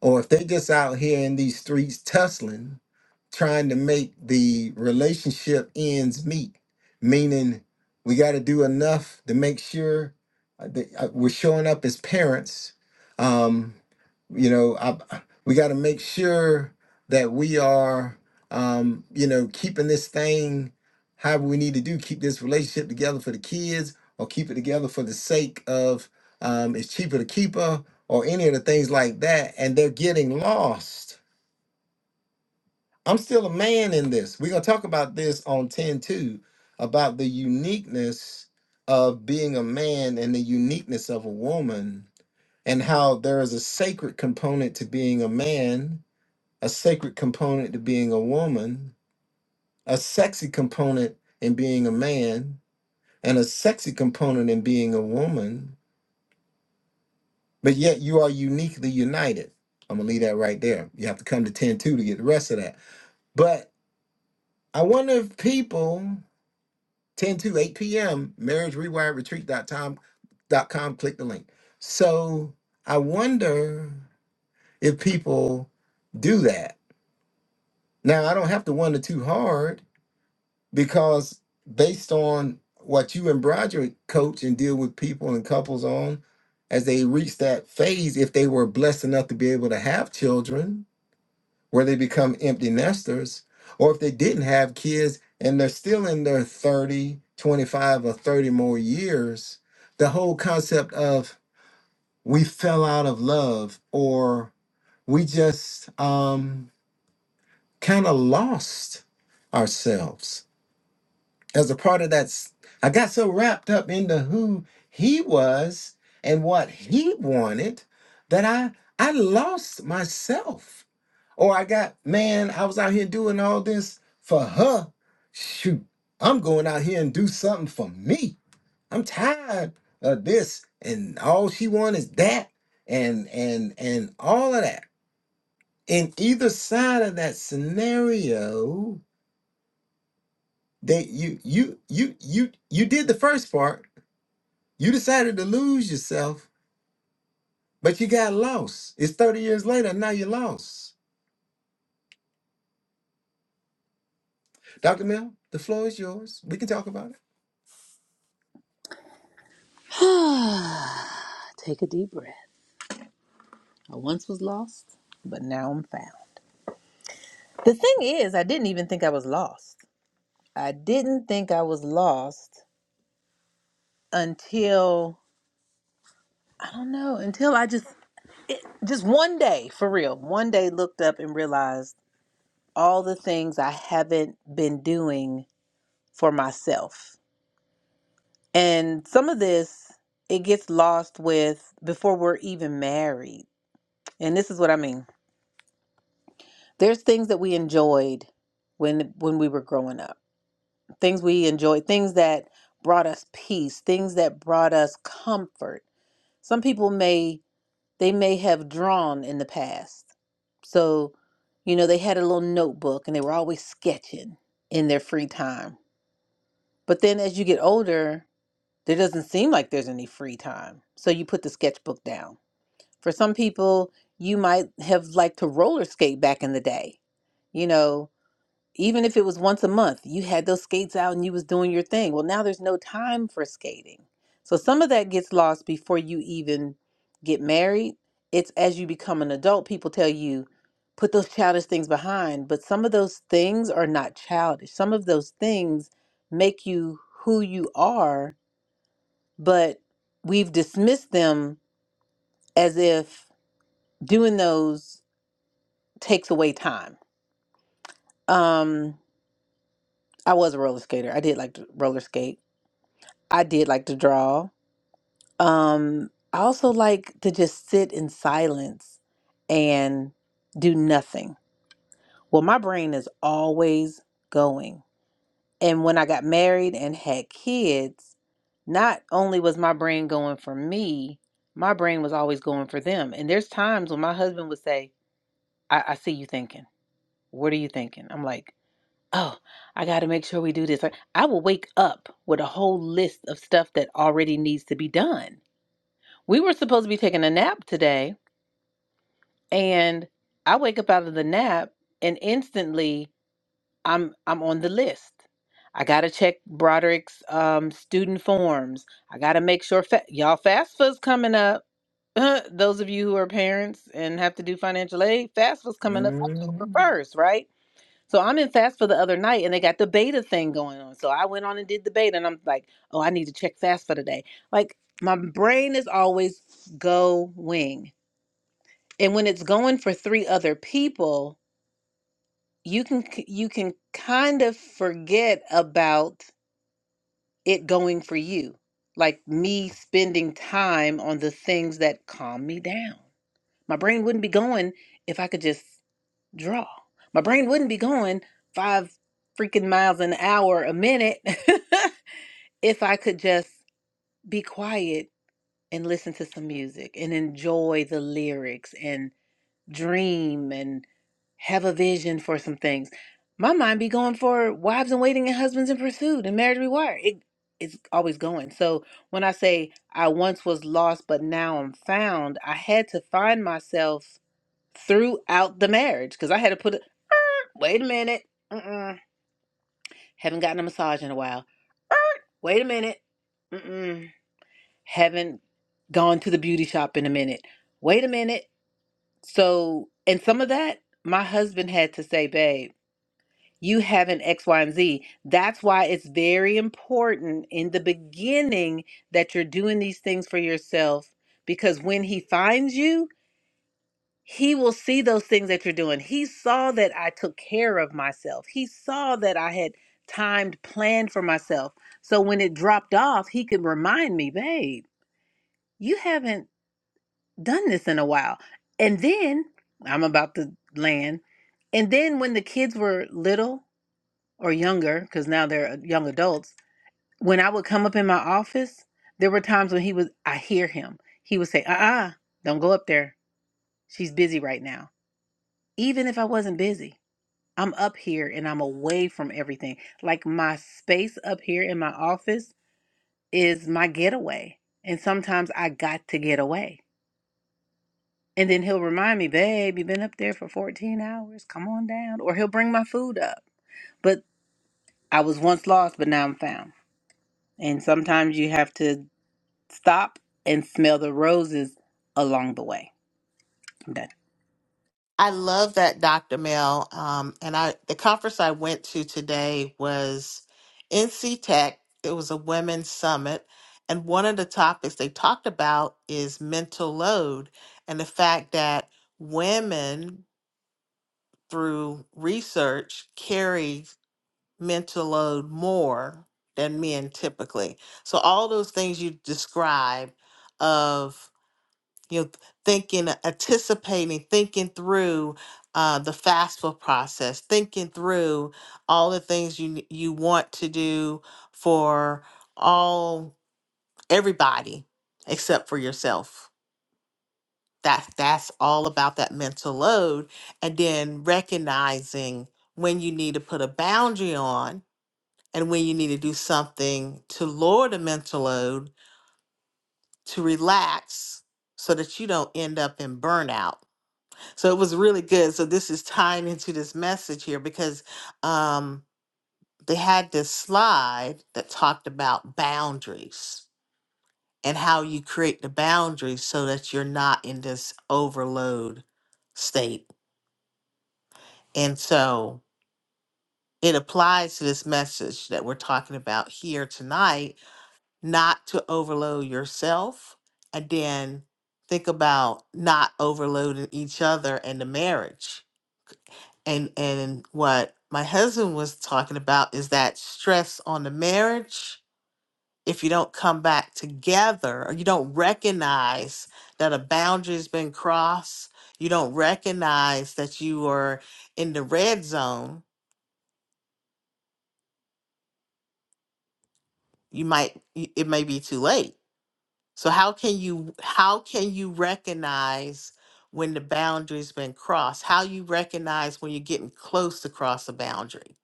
or if they just out here in these streets tussling trying to make the relationship ends meet, meaning we got to do enough to make sure uh, that uh, we're showing up as parents. Um, you know, I, I- we got to make sure that we are, um, you know, keeping this thing however we need to do, keep this relationship together for the kids or keep it together for the sake of um, it's cheaper to keep her or any of the things like that. And they're getting lost I'm still a man in this. We're going to talk about this on 10 2, about the uniqueness of being a man and the uniqueness of a woman, and how there is a sacred component to being a man, a sacred component to being a woman, a sexy component in being a man, and a sexy component in being a woman, but yet you are uniquely united. I'm going to leave that right there. You have to come to 10 2 to get the rest of that. But I wonder if people 10 to 8 p.m. dot com. Click the link. So I wonder if people do that. Now I don't have to wonder too hard because based on what you and Broderick coach and deal with people and couples on as they reach that phase, if they were blessed enough to be able to have children, where they become empty nesters, or if they didn't have kids and they're still in their 30, 25, or 30 more years, the whole concept of we fell out of love or we just um, kind of lost ourselves as a part of that. s- I got so wrapped up into who he was and what he wanted that I I lost myself or I got, man, I was out here doing all this for her. Shoot, I'm going out here and do something for me. I'm tired of this. And all she want is that and and and all of that. In either side of that scenario, that you you you you you did the first part. You decided to lose yourself, but you got lost. It's 30 years later, and now you're lost. Dr. Mill, the floor is yours. We can talk about it.
Take a deep breath. I once was lost, but now I'm found. The thing is, I didn't even think I was lost. I didn't think I was lost until I don't know, until I just just one day, for real, one day looked up and realized all the things I haven't been doing for myself. And some of this it gets lost with before we're even married. And this is what I mean. There's things that we enjoyed when when we were growing up things we enjoyed, things that brought us peace, things that brought us comfort. Some people may they may have drawn in the past. So, you know, they had a little notebook and they were always sketching in their free time. But then as you get older, there doesn't seem like there's any free time. So you put the sketchbook down. For some people, you might have liked to roller skate back in the day. You know, even if it was once a month you had those skates out and you was doing your thing well now there's no time for skating so some of that gets lost before you even get married it's as you become an adult people tell you put those childish things behind but some of those things are not childish some of those things make you who you are but we've dismissed them as if doing those takes away time um i was a roller skater i did like to roller skate I did like to draw. Um, I also like to just sit in silence and do nothing. Well, my brain is always going. And when I got married and had kids, not only was my brain going for me, my brain was always going for them. And there's times when my husband would say, I, I see you thinking. What are you thinking? I'm like, oh, I got to make sure we do this. Like, I will wake up with a whole list of stuff that already needs to be done We were supposed to be taking a nap today, and I wake up out of the nap and instantly I'm I'm on the list. I gotta check Broderick's um, student forms. I gotta make sure fa- y'all FAFSA's coming up. Those of you who are parents and have to do financial aid, FAFSA's coming up October
Mhm.
first, right? So I'm in FAFSA the other night, and they got the beta thing going on. So I went on and did the beta, and I'm like, oh, I need to check FAFSA today. Like my brain is always going and when it's going for three other people you can k- you can kind of forget about it going for you like me spending time on the things that calm me down my brain wouldn't be going if i could just draw my brain wouldn't be going five freaking miles an hour a minute if i could just be quiet and listen to some music and enjoy the lyrics and. dream and have a vision for some things. My mind be going for wives in waiting and husbands in pursuit and marriage rewired. It it's always going. So when I say I once was lost but now I'm found, I had to find myself throughout the marriage because I had to put it. Wait a minute, Mm-mm. haven't gotten a massage in a while. Er, Wait a minute, Mm-mm. haven't gone to the beauty shop in a minute. Wait a minute. So, and some of that, my husband had to say, babe, you have an X, Y, and Z. That's why it's very important in the beginning that you're doing these things for yourself because when he finds you, he will see those things that you're doing. He saw that I took care of myself, he saw that I had timed, planned for myself. So when it dropped off, he could remind me, babe, you haven't done this in a while. And then I'm about to land. And then when the kids were little or younger, because now they're uh, young adults, when I would come up in my office, there were times when he was, I hear him. He would say, uh uh-uh, uh, do not go up there. She's busy right now. Even if I wasn't busy, I'm up here and I'm away from everything. Like my space up here in my office is my getaway. And sometimes I got to get away And then he'll remind me, babe, you've been up there for 14 hours. Come on down. Or he'll bring my food up. But I was once lost, but now I'm found. And sometimes you have to stop and smell the roses along the way. I'm done.
I love that, Dr. Mel. Um, and I the conference I went to today was NC Tech. It was a women's summit, and one of the topics they talked about is mental load and the fact that women, through research, carry mental load more than men typically. So all those things you described of you know, thinking, anticipating, thinking through uh, the FAFSA process, thinking through all the things you n- you want to do for all everybody except for yourself. That that's all about that mental load, and then recognizing when you need to put a boundary on and when you need to do something to lower the mental load to relax so that you don't end up in burnout So it was really good. So this is tying into this message here because um, they had this slide that talked about boundaries and how you create the boundaries so that you're not in this overload state. And so it applies to this message that we're talking about here tonight, not to overload yourself and then think about not overloading each other and the marriage and and what my husband was talking about is that stress on the marriage if you don't come back together or you don't recognize that a boundary's been crossed you don't recognize that you are in the red zone you might y- it may be too late so how can you how can you recognize when the boundary's been crossed how you recognize when you're getting close to cross a boundary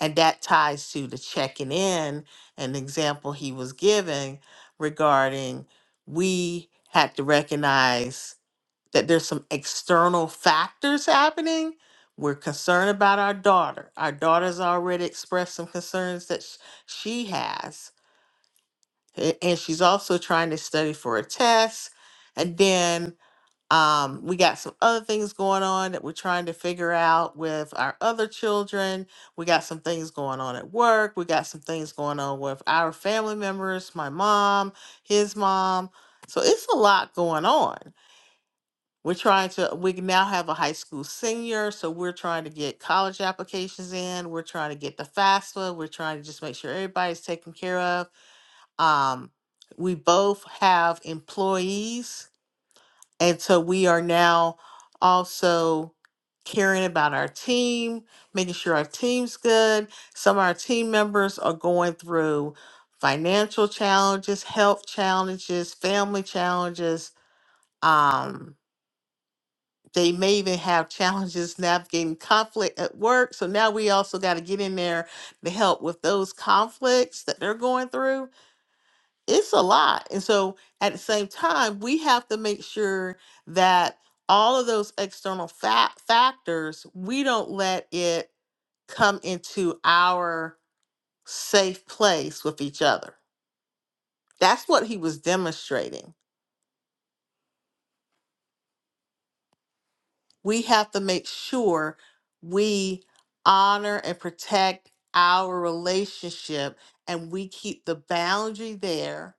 And that ties to the checking in, an example he was giving regarding we had to recognize that there's some external factors happening. We're concerned about our daughter. Our daughter's already expressed some concerns that sh- she has. A- And she's also trying to study for a test. And then um, we got some other things going on that we're trying to figure out with our other children. We got some things going on at work. We got some things going on with our family members, my mom, his mom. So it's a lot going on. We're trying to, we now have a high school senior. So we're trying to get college applications in. We're trying to get the FAFSA. We're trying to just make sure everybody's taken care of. Um, we both have employees and so we are now also caring about our team, making sure our team's good. Some of our team members are going through financial challenges, health challenges, family challenges. Um, they may even have challenges navigating conflict at work. So now we also got to get in there to help with those conflicts that they're going through it's a lot. And so at the same time, we have to make sure that all of those external fa- factors, we don't let it come into our safe place with each other. That's what he was demonstrating. We have to make sure we honor and protect our relationship and we keep the boundary there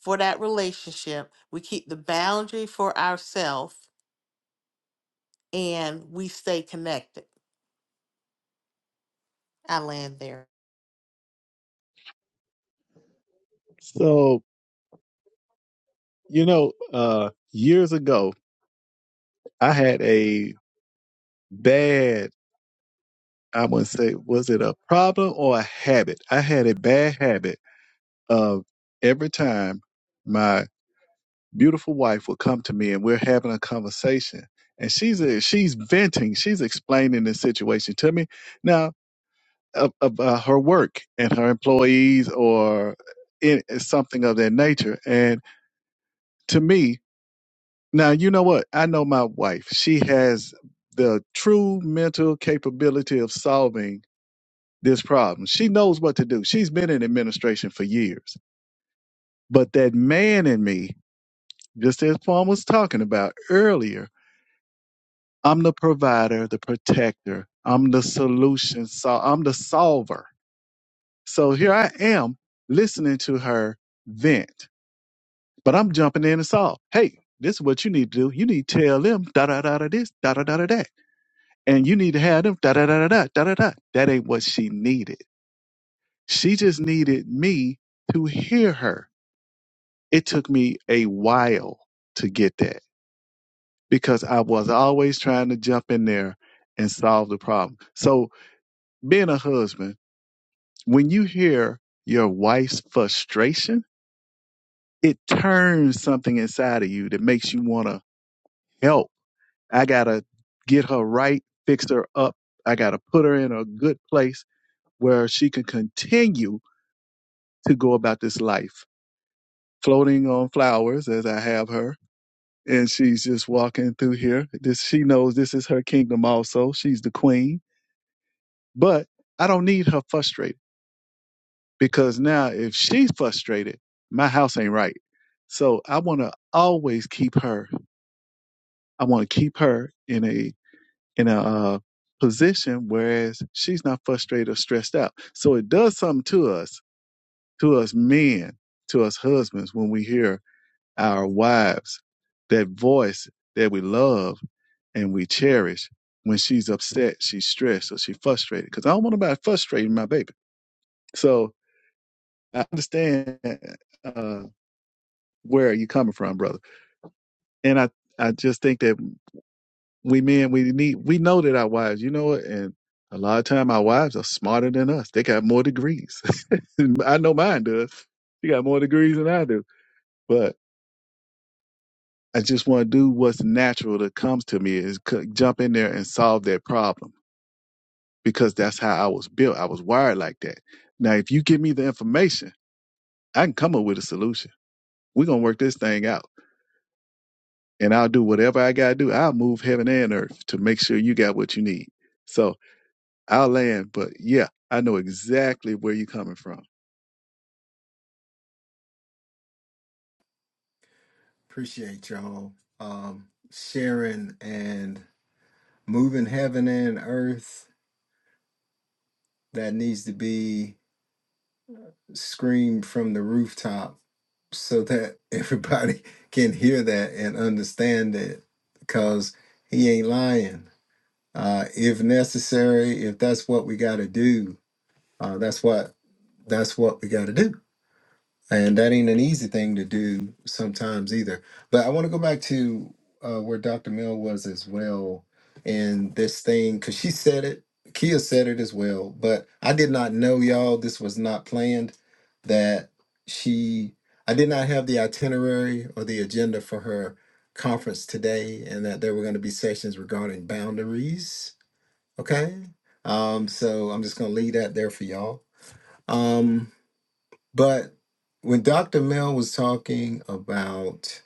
for that relationship. We keep the boundary for ourselves and we stay connected. I land there.
So, you know, uh, years ago, I had a bad, I wouldn't say, was it a problem or a habit? I had a bad habit of every time my beautiful wife would come to me and we're having a conversation and she's a, she's venting, she's explaining the situation to me. Now, ab- about her work and her employees or in, something of that nature. And to me, Now, you know what? I know my wife. She has the true mental capability of solving this problem. She knows what to do. She's been in administration for years. But that man in me, just as Paul was talking about earlier, I'm the provider, the protector, I'm the solution, so I'm the solver. So here I am listening to her vent, but I'm jumping in and solve. Hey, this is what you need to do. You need to tell them da da da da this, da da da da that. and you need to have them. Da da da da da da da. That ain't what she needed. She just needed me to hear her. It took me a while to get that because I was always trying to jump in there and solve the problem. So being a husband, when you hear your wife's frustration, it turns something inside of you that makes you want to help. I gotta get her right, fix her up. I gotta put her in a good place where she can continue to go about this life, floating on flowers as I have her. And she's just walking through here. This, she knows this is her kingdom also. She's the queen. But I don't need her frustrated because now if she's frustrated, my house ain't right. So I want to always keep her. I want to keep her in a, in a, uh, position whereas she's not frustrated or stressed out so it does something to us to us men to us husbands when we hear our wives, that voice that we love and we cherish when she's upset, she's stressed, or she's frustrated. Because I don't want nobody frustrating my baby. So I understand uh, where you are coming from, brother. And I, I just think that we men, we need, we know that our wives, you know it. And a lot of time our wives are smarter than us. They got more degrees. I know mine does. She got more degrees than I do. But. I just want to do what's natural that comes to me is c- jump in there and solve that problem because that's how I was built. I was wired like that. Now, if you give me the information, I can come up with a solution. We're going to work this thing out and I'll do whatever I got to do. I'll move heaven and earth to make sure you got what you need. So I'll land, but yeah, I know exactly where you're coming from.
Appreciate y'all um, sharing and moving heaven and earth. That needs to be screamed from the rooftop so that everybody can hear that and understand it because he ain't lying. Uh, if necessary, if that's what we got to do, uh, that's what that's what we got to do. And that ain't an easy thing to do sometimes either. But I want to go back to uh, where Dr. Mill was as well in this thing, because she said it, Kia said it as well. But I did not know, y'all, this was not planned, that she, I did not have the itinerary or the agenda for her conference today, and that there were going to be sessions regarding boundaries. Okay. Um, so I'm just going to leave that there for y'all. Um, but when Dr. Mel was talking about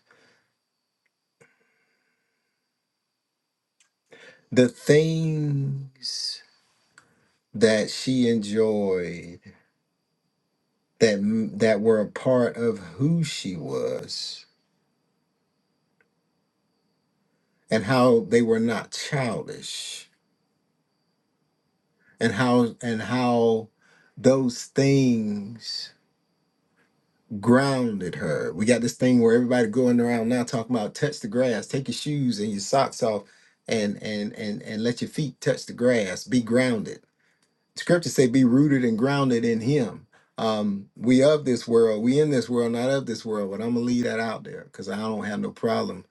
the things that she enjoyed that that were a part of who she was and how they were not childish and how and how those things grounded her. We got this thing where everybody going around now talking about touch the grass, take your shoes and your socks off and and and and let your feet touch the grass, be grounded scripture say be rooted and grounded in him um we of this world we in this world not of this world but i'm gonna leave that out there because i don't have no problem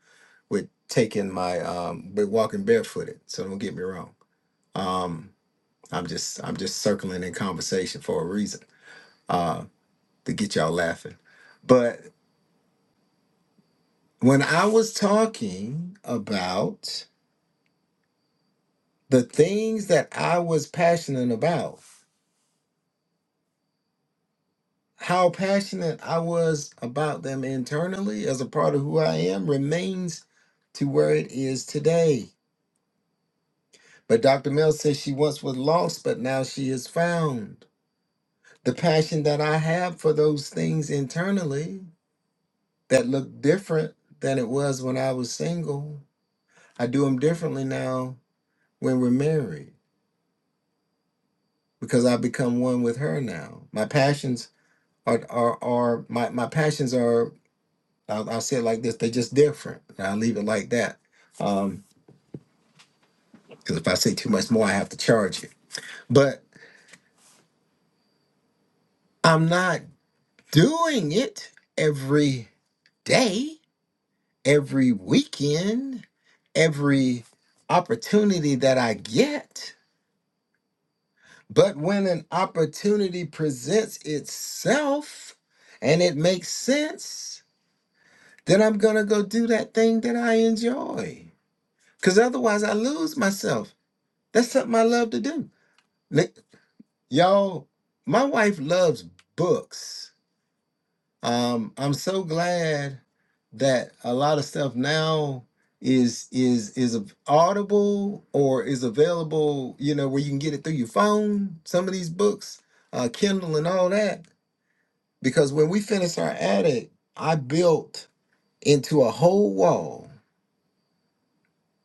with taking my um with walking barefooted so don't get me wrong um i'm just i'm just circling in conversation for a reason uh to get y'all laughing but when i was talking about the things that i was passionate about how passionate I was about them internally as a part of who I am remains to where it is today. But Dr. Mel says she once was lost, but now she is found. The passion that I have for those things internally that look different than it was when I was single, I do them differently now when we're married because I become one with her now. My passions are, are, are my, my passions are I'll, I'll say it like this: they're just different. And I'll leave it like that. Um, because if I say too much more, I have to charge you. But I'm not doing it every day, every weekend, every opportunity that I get. But when an opportunity presents itself and it makes sense, then I'm gonna go do that thing that I enjoy. Cause otherwise, I lose myself. That's something I love to do. Li- Y'all, my wife loves books. Um, I'm so glad that a lot of stuff now is is is audible or is available, you know, where you can get it through your phone, some of these books, uh, Kindle and all that. Because when we finished our attic, I built into a whole wall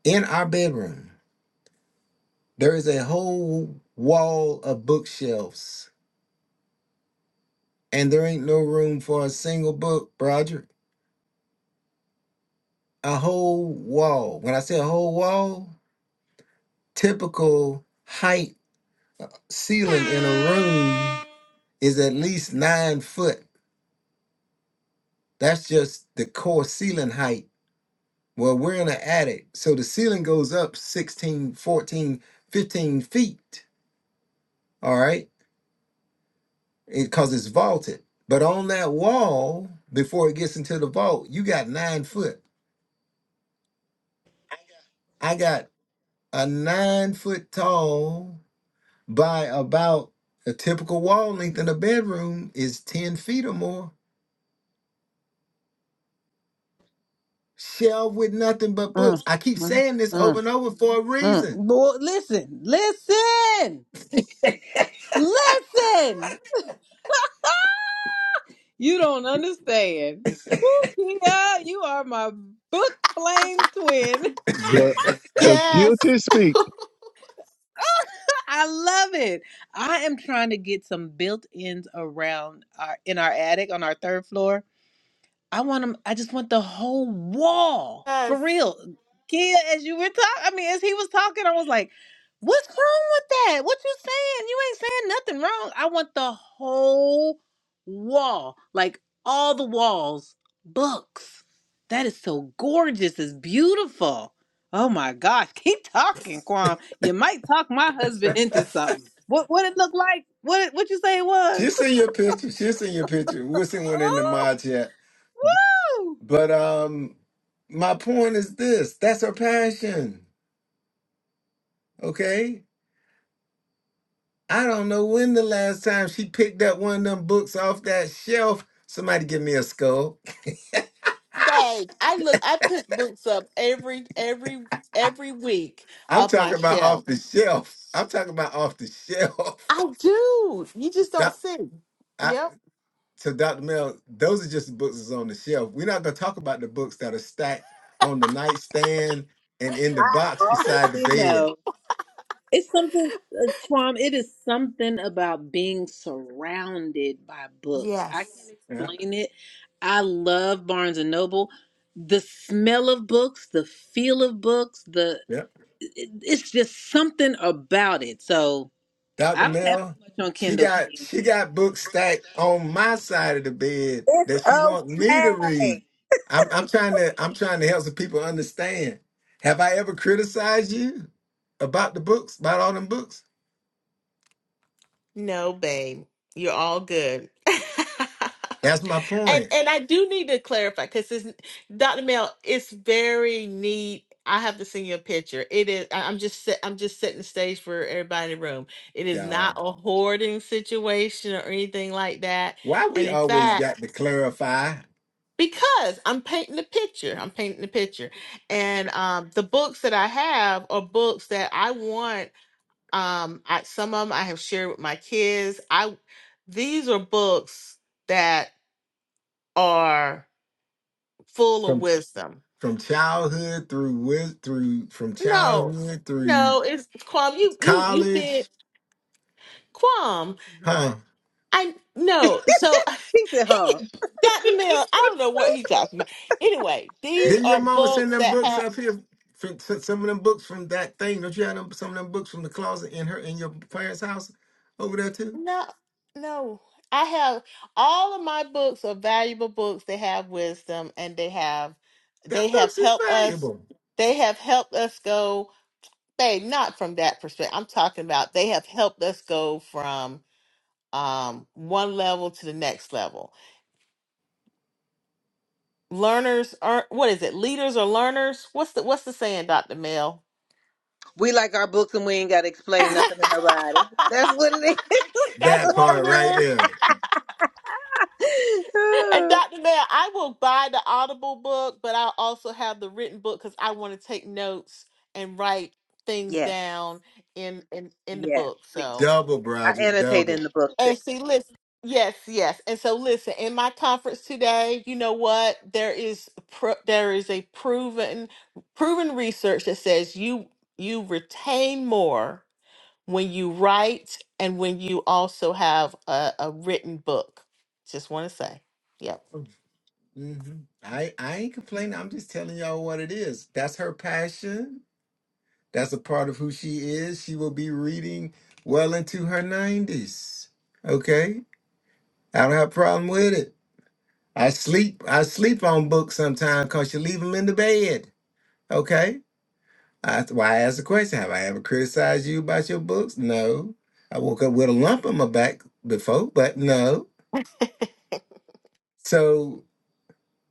in our bedroom. There is a whole wall of bookshelves, and there ain't no room for a single book, Roger. a whole wall. When I say a whole wall, typical height ceiling in a room is at least nine foot. That's just the core ceiling height. Well, we're in an attic. So the ceiling goes up 16, 14, 15 feet. All right. Because it's vaulted. But on that wall, before it gets into the vault, you got nine foot. I got a nine foot tall by about a typical wall length in a bedroom is 10 feet or more. Shelf with nothing but
Mm,
books. I keep
mm,
saying this over
mm,
and over for a
mm.
reason.
Lord, listen, listen, listen. You don't understand. Woo, Kia, you are my book flame twin.
The, the
Yes,
guilty speak.
I love it. I am trying to get some built-ins around our in our attic on our third floor I want them. I just want the whole wall for
yes.
real. Kia, as you were talking, I mean, as he was talking, I was like, "What's wrong with that? What you saying? You ain't saying nothing wrong. I want the whole wall, like all the walls, books. That is so gorgeous. It's beautiful. Oh my gosh, keep talking, Kwam. You might talk my husband into something. What what it look like? What it, what you say it was?
She'll send you a picture. She'll send you a picture. We'll send one in the
Oh,
mod chat.
woo!
But um, my point is this that's her passion. Okay. I don't know when the last time she picked up one of them books off that shelf. Somebody give me a skull.
Like I look, I put books up every every every week
I'm
of my
talking about off
shelf.
the shelf. I'm talking about off the shelf.
I do. You just don't
Doc-
see.
i
Yep.
So, Dr. Mel, those are just the books that's on the shelf. We're not going to talk about the books that are stacked on the nightstand and in the
I
box beside the
already
bed.
know. It's something, uh, Swam, it is something about being surrounded by books. I
Yes.
can't
Yeah,
explain it. I love Barnes and Noble. The smell of books, the feel of books, the
yeah.
it- it's just something about it. So
Dr.
I don't have too
Mel,
much on
she
Kindle.
got
Kim.
she got books stacked on my side of the bed
It's
that she wants me to read.
okay.
I'm, I'm trying to I'm trying to help some people understand. Have I ever criticized you about the books, about all them books?
No, babe, you're all good.
That's my
And
point,
and I do need to clarify because Dr. Mel, it's very neat. I have to send you a picture. It is. I- I'm just. set- I'm just setting the stage for everybody in the room. It is not
y'all.
a hoarding situation or anything like that.
Why we
And in
always
fact,
got to clarify?
because I'm painting the picture, I'm painting the picture, and um, the books that I have are books that I want. Um, I, some of them I have shared with my kids. I these are books that are full of wisdom.
from childhood through with through from
No,
childhood through
no, it's Quam. You you you
college,
been Quam.
huh?
I no. So
He said,
he
huh?
got the mail. I don't know what he talking about. Anyway, these
Didn't your
are
mama
books
send them
that
books
have.
up here? From, sent some of them books from that thing. Don't you have them, some of them books from the closet in her in your parents' house over there too?
No, no. I have all of my books are valuable books. They have wisdom and they have
Them
they have
books is
helped us
valuable.
they have helped us go babe, not from that perspective. I'm talking about they have helped us go from um one level to the next level. Learners are what is it? Leaders are learners? What's the what's the saying, Dr. Mel?
We like our books and we ain't got to explain
That's
nothing to nobody. That's what it
That
what
part
it
right
is.
there,
And
is.
Dr. Nair, I will buy the Audible book, but I'll also have the written book because I want to take notes and write things
yes.
down in, in in the
Yes.
book.
Me too.
So
double,
I
Broderick,
annotate
double.
in the book too.
and see, listen, yes, yes. And so listen, in my conference today, you know what? There is pro- there is a proven proven research that says you you retain more when you write and when you also have a, a written book. Just want to say. yep.
hmm I I ain't complaining. I'm just telling y'all what it is. That's her passion. That's a part of who she is. She will be reading well into her 90s. Okay? I don't have a problem with it. I sleep I sleep on books sometimes because you leave them in the bed. Okay? That's why I asked the question. Have I ever criticized you about your books? No. I woke up with a lump on my back before, but no. So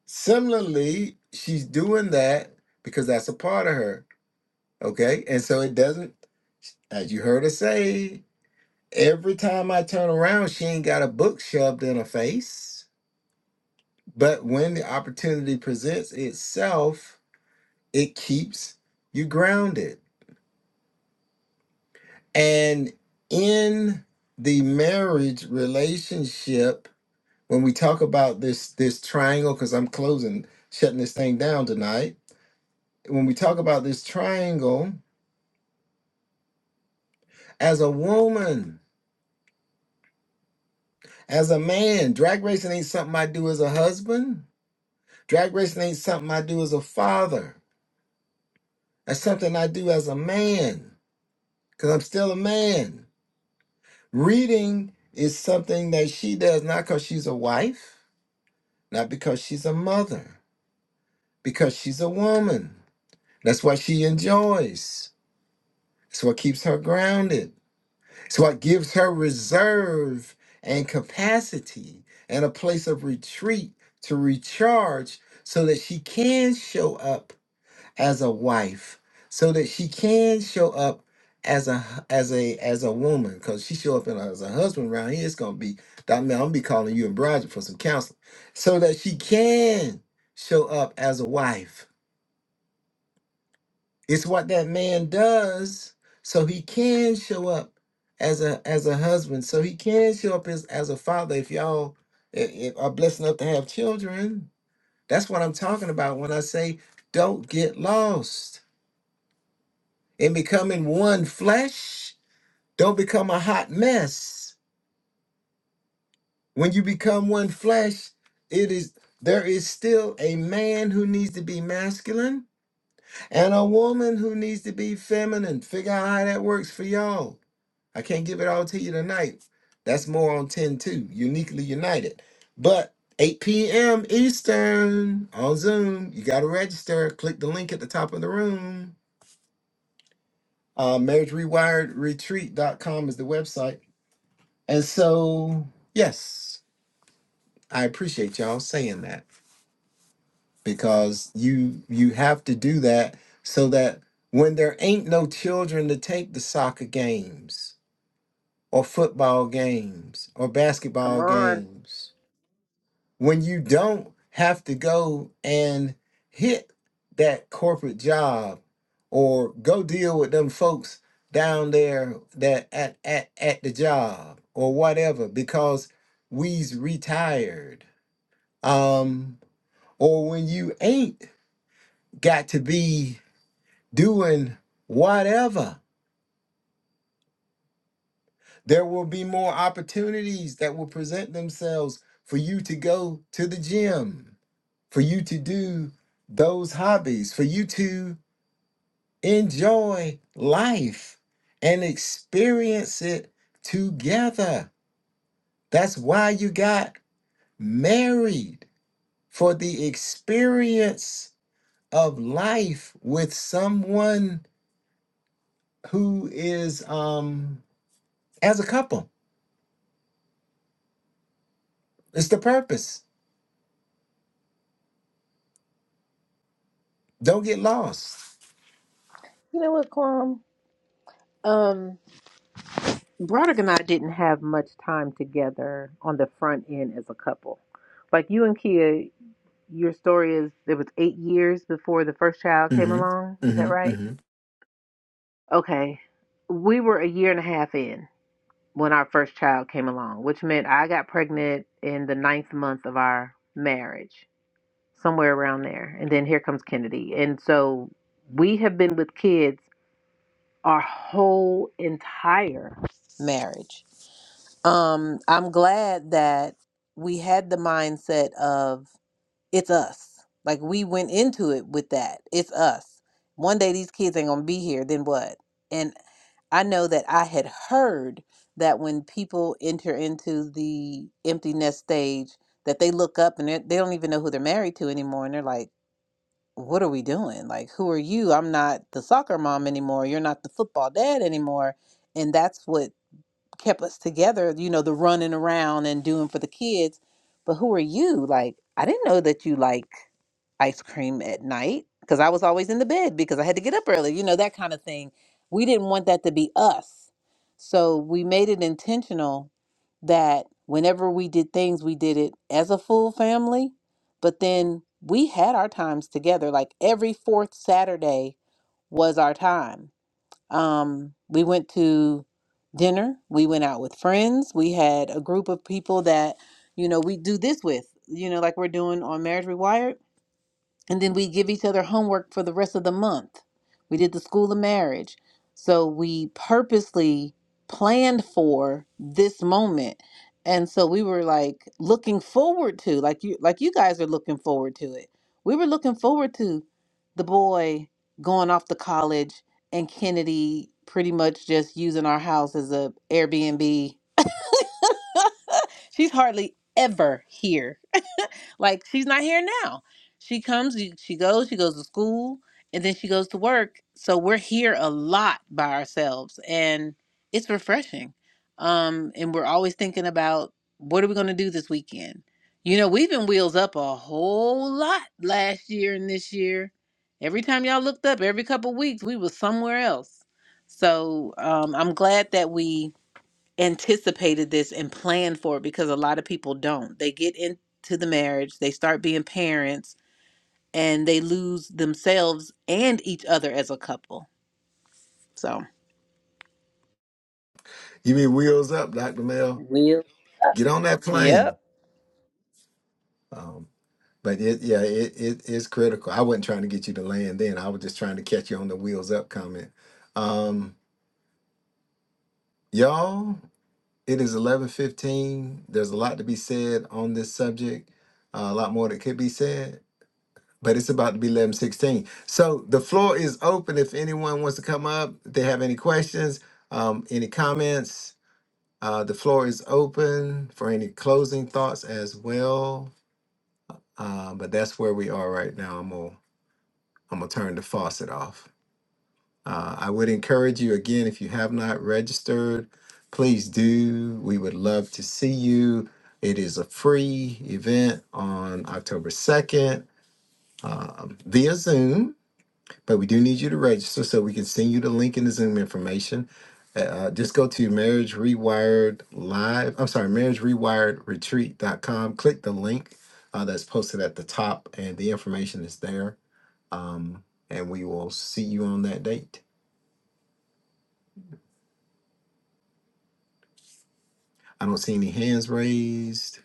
similarly, she's doing that because that's a part of her. Okay? And so it doesn't, as you heard her say, Every time I turn around, she ain't got a book shoved in her face. But when the opportunity presents itself, it keeps you grounded. And in the marriage relationship, when we talk about this this triangle, because I'm closing, shutting this thing down tonight. When we talk about this triangle, as a woman, as a man, drag racing ain't something I do as a husband. Drag racing ain't something I do as a father That's something I do as a man because I'm still a man. Reading is something that she does not because she's a wife, not because she's a mother, because she's a woman. That's what she enjoys. It's what keeps her grounded. It's what gives her reserve and capacity and a place of retreat to recharge so that she can show up as a wife so that she can show up as a hu- as a as a woman because she show up in, as a husband around here it's gonna be I mean, i'm gonna be calling you and Bridget for some counseling so that she can show up as a wife it's what that man does so he can show up as a as a husband so he can show up as, as a father if y'all i- i- are blessed enough to have children that's what i'm talking about when i say don't get lost in becoming one flesh, don't become a hot mess. When you become one flesh, it is there is still a man who needs to be masculine and a woman who needs to be feminine. Figure out how that works for y'all. I can't give it all to you tonight. That's more on 10 2, uniquely united. But 8 p.m. Eastern on Zoom, you got to register. Click the link at the top of the room. Uh, marriage rewired retreat dot com is the website And so, yes, I appreciate y'all saying that because you you have to do that so that when there ain't no children to take the soccer games or football games or
Come
basketball
on.
games, when you don't have to go and hit that corporate job or go deal with them folks down there that at at, at the job or whatever because we's retired um, or when you ain't got to be doing whatever, there will be more opportunities that will present themselves for you to go to the gym, for you to do those hobbies, for you to enjoy life and experience it together. That's why you got married for the experience of life with someone who is um as a couple. It's the purpose. Don't get lost.
You know what, Quam? Um, Broderick and I didn't have much time together on the front end as a couple. Like you and Kia, your story is it was eight years before the first child came
hmm
along. Is
hmm
that right?
hmm
Okay. We were a year and a half in. when our first child came along, which meant I got pregnant in the ninth month of our marriage, somewhere around there. And then here comes Kennedy. And so we have been with kids our whole entire marriage. Um, I'm glad that we had the mindset of it's us. Like we went into it with that. It's us. One day these kids ain't gonna be here, then what? And I know that I had heard that when people enter into the empty nest stage, that they look up and they're- they don't even know who they're married to anymore, and they're like, "What are we doing? Like, who are you? I'm not the soccer mom anymore. You're not the football dad anymore." And that's what kept us together. You know, the running around and doing for the kids. But who are you? Like, I didn't know that you like ice cream at night because I was always in the bed because I had to get up early, you know, that kind of thing. We didn't want that to be us. So we made it intentional that whenever we did things, we did it as a full family. But then we had our times together. Like every fourth Saturday was our time. Um, we went to dinner, we went out with friends, we had a group of people that, you know, we do this with, you know, like we're doing on Marriage Rewired and then we give each other homework for the rest of the month. We did the school of marriage. So we purposely planned for this moment. And so we were like looking forward to like you like you guys are looking forward to it. We were looking forward to the boy going off to college and Kennedy pretty much just using our house as a Airbnb. She's hardly ever here like she's not here now. She comes, she she goes, she goes to school, and then she goes to work. So we're here a lot by ourselves, and it's refreshing. Um, and we're always thinking about what are we going to do this weekend. You know, we've been wheels up a whole lot last year and this year. Every time y'all looked up, every couple weeks, we was somewhere else. So um, I'm glad that we anticipated this and planned for it because a lot of people don't. They get into the marriage, they start being parents, and they lose themselves and each other as a couple. So,
You mean wheels up, Doctor Mel?
real.
Get on that
Yep.
plane. Um, but it, yeah, it, it is critical. I wasn't trying to get you to land then. I was just trying to catch you on the wheels up comment. Um, y'all, it is eleven fifteen. There's a lot to be said on this subject. Uh, a lot more that could be said. but it's about to be 11:16. So the floor is open if anyone wants to come up, if they have any questions, um, any comments. Uh, the floor is open for any closing thoughts as well. Uh, but that's where we are right now. I'm gonna I'm gonna turn the faucet off. Uh, I would encourage you again if you have not registered, please do. We would love to see you. It is a free event on October 2nd um, via Zoom But we do need you to register so we can send you the link and the Zoom information. Uh, uh, just go to Marriage Rewired Live. I'm sorry, Marriage Rewired Retreat.com. Click the link uh, that's posted at the top, and the information is there. Um, and we will see you on that date. I don't see any hands raised.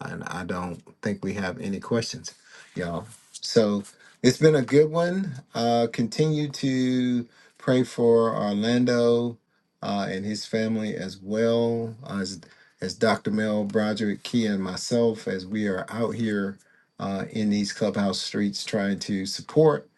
and I don't think we have any questions, y'all. So it's been a good one. Uh, continue to pray for Orlando uh, and his family as well as as Dr. Mel Broderick Key and myself as we are out here uh, in these clubhouse streets trying to support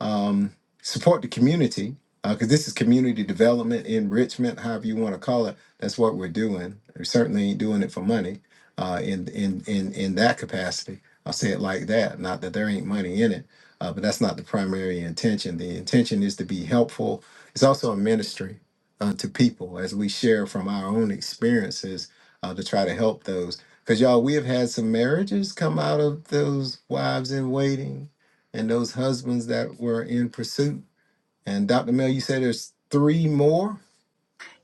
um, support the community because this is community development enrichment however you want to call it that's what we're doing we certainly ain't doing it for money uh, in in in in that capacity. I'll say it like that. Not that there ain't money in it, uh, but that's not the primary intention. The intention is to be helpful. It's also a ministry uh, to people as we share from our own experiences uh, to try to help those. Because y'all, we have had some marriages come out of those wives in waiting and those husbands that were in pursuit. And Dr. Mel, you said there's three more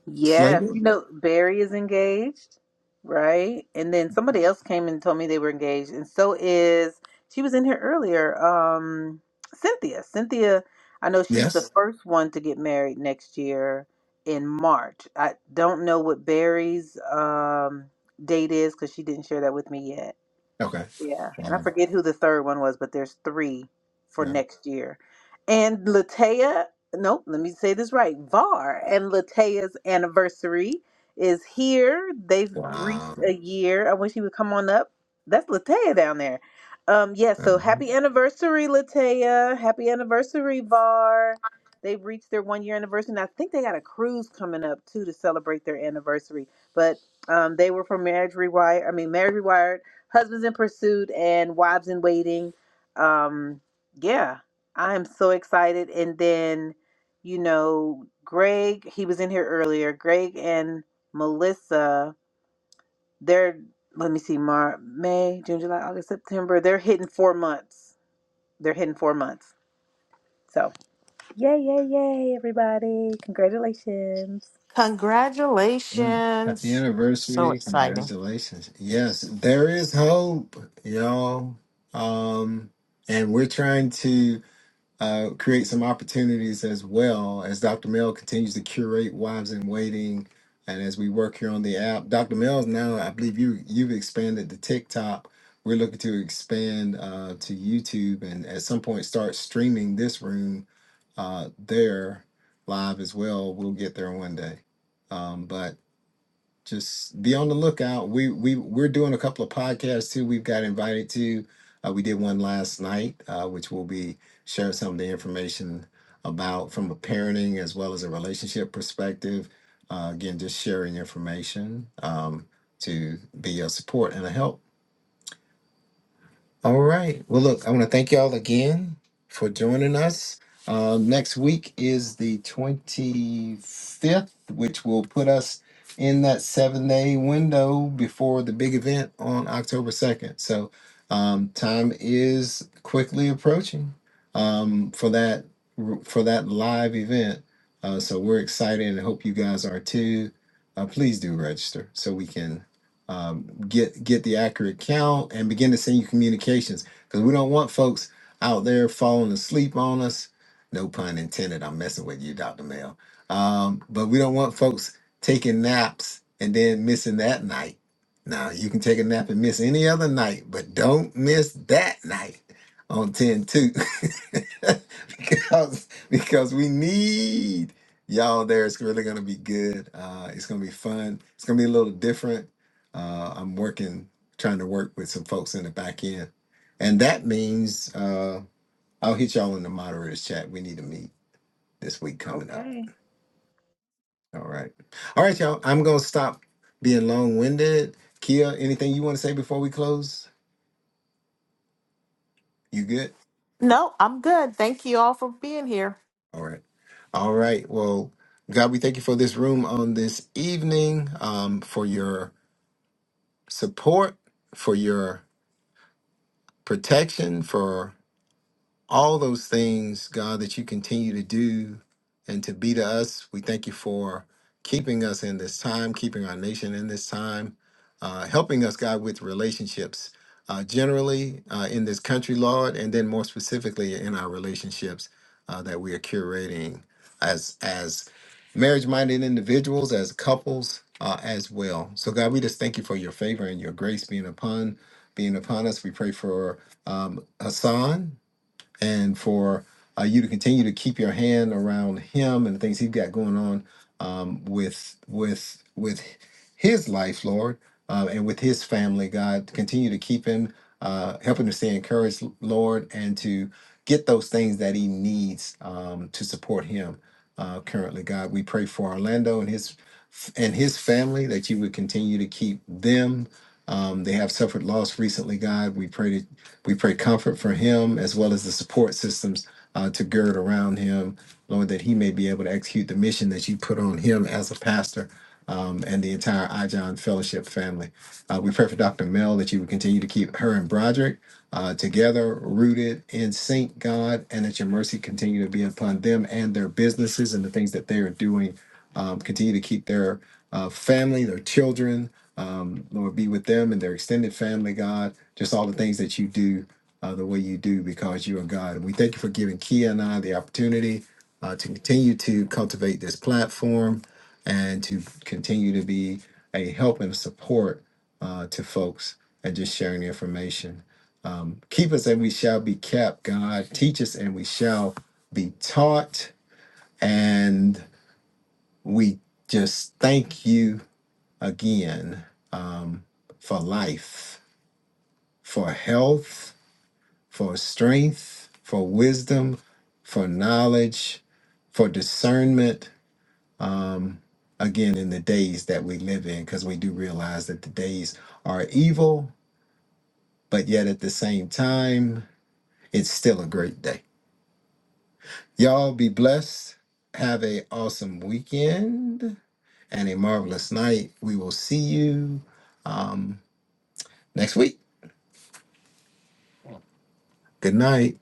Yes,
slated.
you know Barry is engaged, right? And then somebody else came and told me they were engaged, and so is she was in here earlier. Um, Cynthia, Cynthia, I know she's the
Yes.
first one to get married next year in March. I don't know what Barry's um date is because she didn't share that with me yet.
Okay.
Yeah, and I
Wow.
forget who the third one was, but there's three for
Yeah.
next year. And Latea, nope, let me say this right. VAR and Latea's anniversary is here. They've
Wow.
reached a year. I wish he would come on up. That's Latea down there. Um, yes. so happy anniversary, Latea. Happy anniversary, VAR. They've reached their one year anniversary, and I think they got a cruise coming up too to celebrate their anniversary. But um, they were from Marriage Rewired. I mean, Marriage Rewired Husbands in Pursuit and Wives in Waiting. Um, yeah, I am so excited. And then, you know, Greg, he was in here earlier. Greg and Melissa, they're let me see, Mar May, June, July, August, September. They're hitting four months. They're hitting four months. So yay, yay, yay, everybody. Congratulations.
Mm. Happy
Congratulations. So
anniversary.
exciting.
Congratulations. Yes, there is hope, y'all. Um, and we're trying to uh, create some opportunities as well as Dr. Mel continues to curate Wives in Waiting. And as we work here on the app, Dr. Mel's now, I believe you, you've expanded to TikTok. We're looking to expand uh, to YouTube and at some point start streaming this room uh, there live as well. We'll get there one day. Um, but just be on the lookout. We we we're doing a couple of podcasts too. We've got invited to. Uh, we did one last night, uh, which we'll be sharing some of the information about from a parenting as well as a relationship perspective. Uh, again, just sharing information um, to be a support and a help all right. Well, look, I want to thank y'all again for joining us. Um, next week is the 25th, which will put us in that seven day window before the big event on October 2nd. So, um, time is quickly approaching um, for that for that live event. Uh, so we're excited and hope you guys are too. Uh, please do register so we can um, get get the accurate count and begin to send you communications because we don't want folks out there falling asleep on us. No pun intended. I'm messing with you, Dr. Mel. Um, but we don't want folks taking naps and then missing that night. Now you can take a nap and miss any other night, but don't miss that night on 10 2 because because we need y'all there. It's really gonna be good. Uh, it's gonna be fun. It's gonna be a little different uh, I'm working, trying to work with some folks in the back end. And that means uh, I'll hit y'all in the moderators chat. We need to meet this week coming up.
Okay.
All right. All right, y'all. I'm going to stop being long winded. Kia, anything you want to say before we close? You good?
No, I'm good. Thank you all for being here.
All right. All right. Well, God, we thank you for this room on this evening, um, for your support, for your protection, for all those things, God, that you continue to do and to be to us. We thank you for keeping us in this time, keeping our nation in this time, uh, helping us, God, with relationships uh, generally uh, in this country, Lord, and then more specifically in our relationships uh, that we are curating as as marriage-minded individuals, as couples. Uh, as well. So, God, we just thank you for your favor and your grace being upon being upon us. We pray for um, Hassan and for uh, you to continue to keep your hand around him and the things he's got going on um, with with with his life, Lord, uh, and with his family. God, continue to keep him, uh, help him to stay encouraged, Lord, and to get those things that he needs um, to support him. Uh, currently, God, we pray for Orlando and his and his family, that you would continue to keep them. Um, they have suffered loss recently, God. We pray that we pray comfort for him as well as the support systems uh, to gird around him, Lord, that he may be able to execute the mission that you put on him as a pastor um, and the entire iJohn Fellowship family. Uh, we pray for Dr. Mel that you would continue to keep her and Broderick uh, together, rooted in sync, God, and that your mercy continue to be upon them and their businesses and the things that they are doing um, continue to keep their uh, family, their children, um, Lord, be with them and their extended family, God. Just all the things that you do uh, the way you do because you are God. And we thank you for giving Kia and I the opportunity uh, to continue to cultivate this platform and to continue to be a help and support uh, to folks and just sharing the information. Um, keep us and we shall be kept, God. Teach us and we shall be taught. And we just thank you again um, for life, for health, for strength, for wisdom, for knowledge, for discernment. Um, again, in the days that we live in, because we do realize that the days are evil, but yet at the same time, it's still a great day. Y'all be blessed. Have a awesome weekend and a marvelous night. We will see you next week. Good night.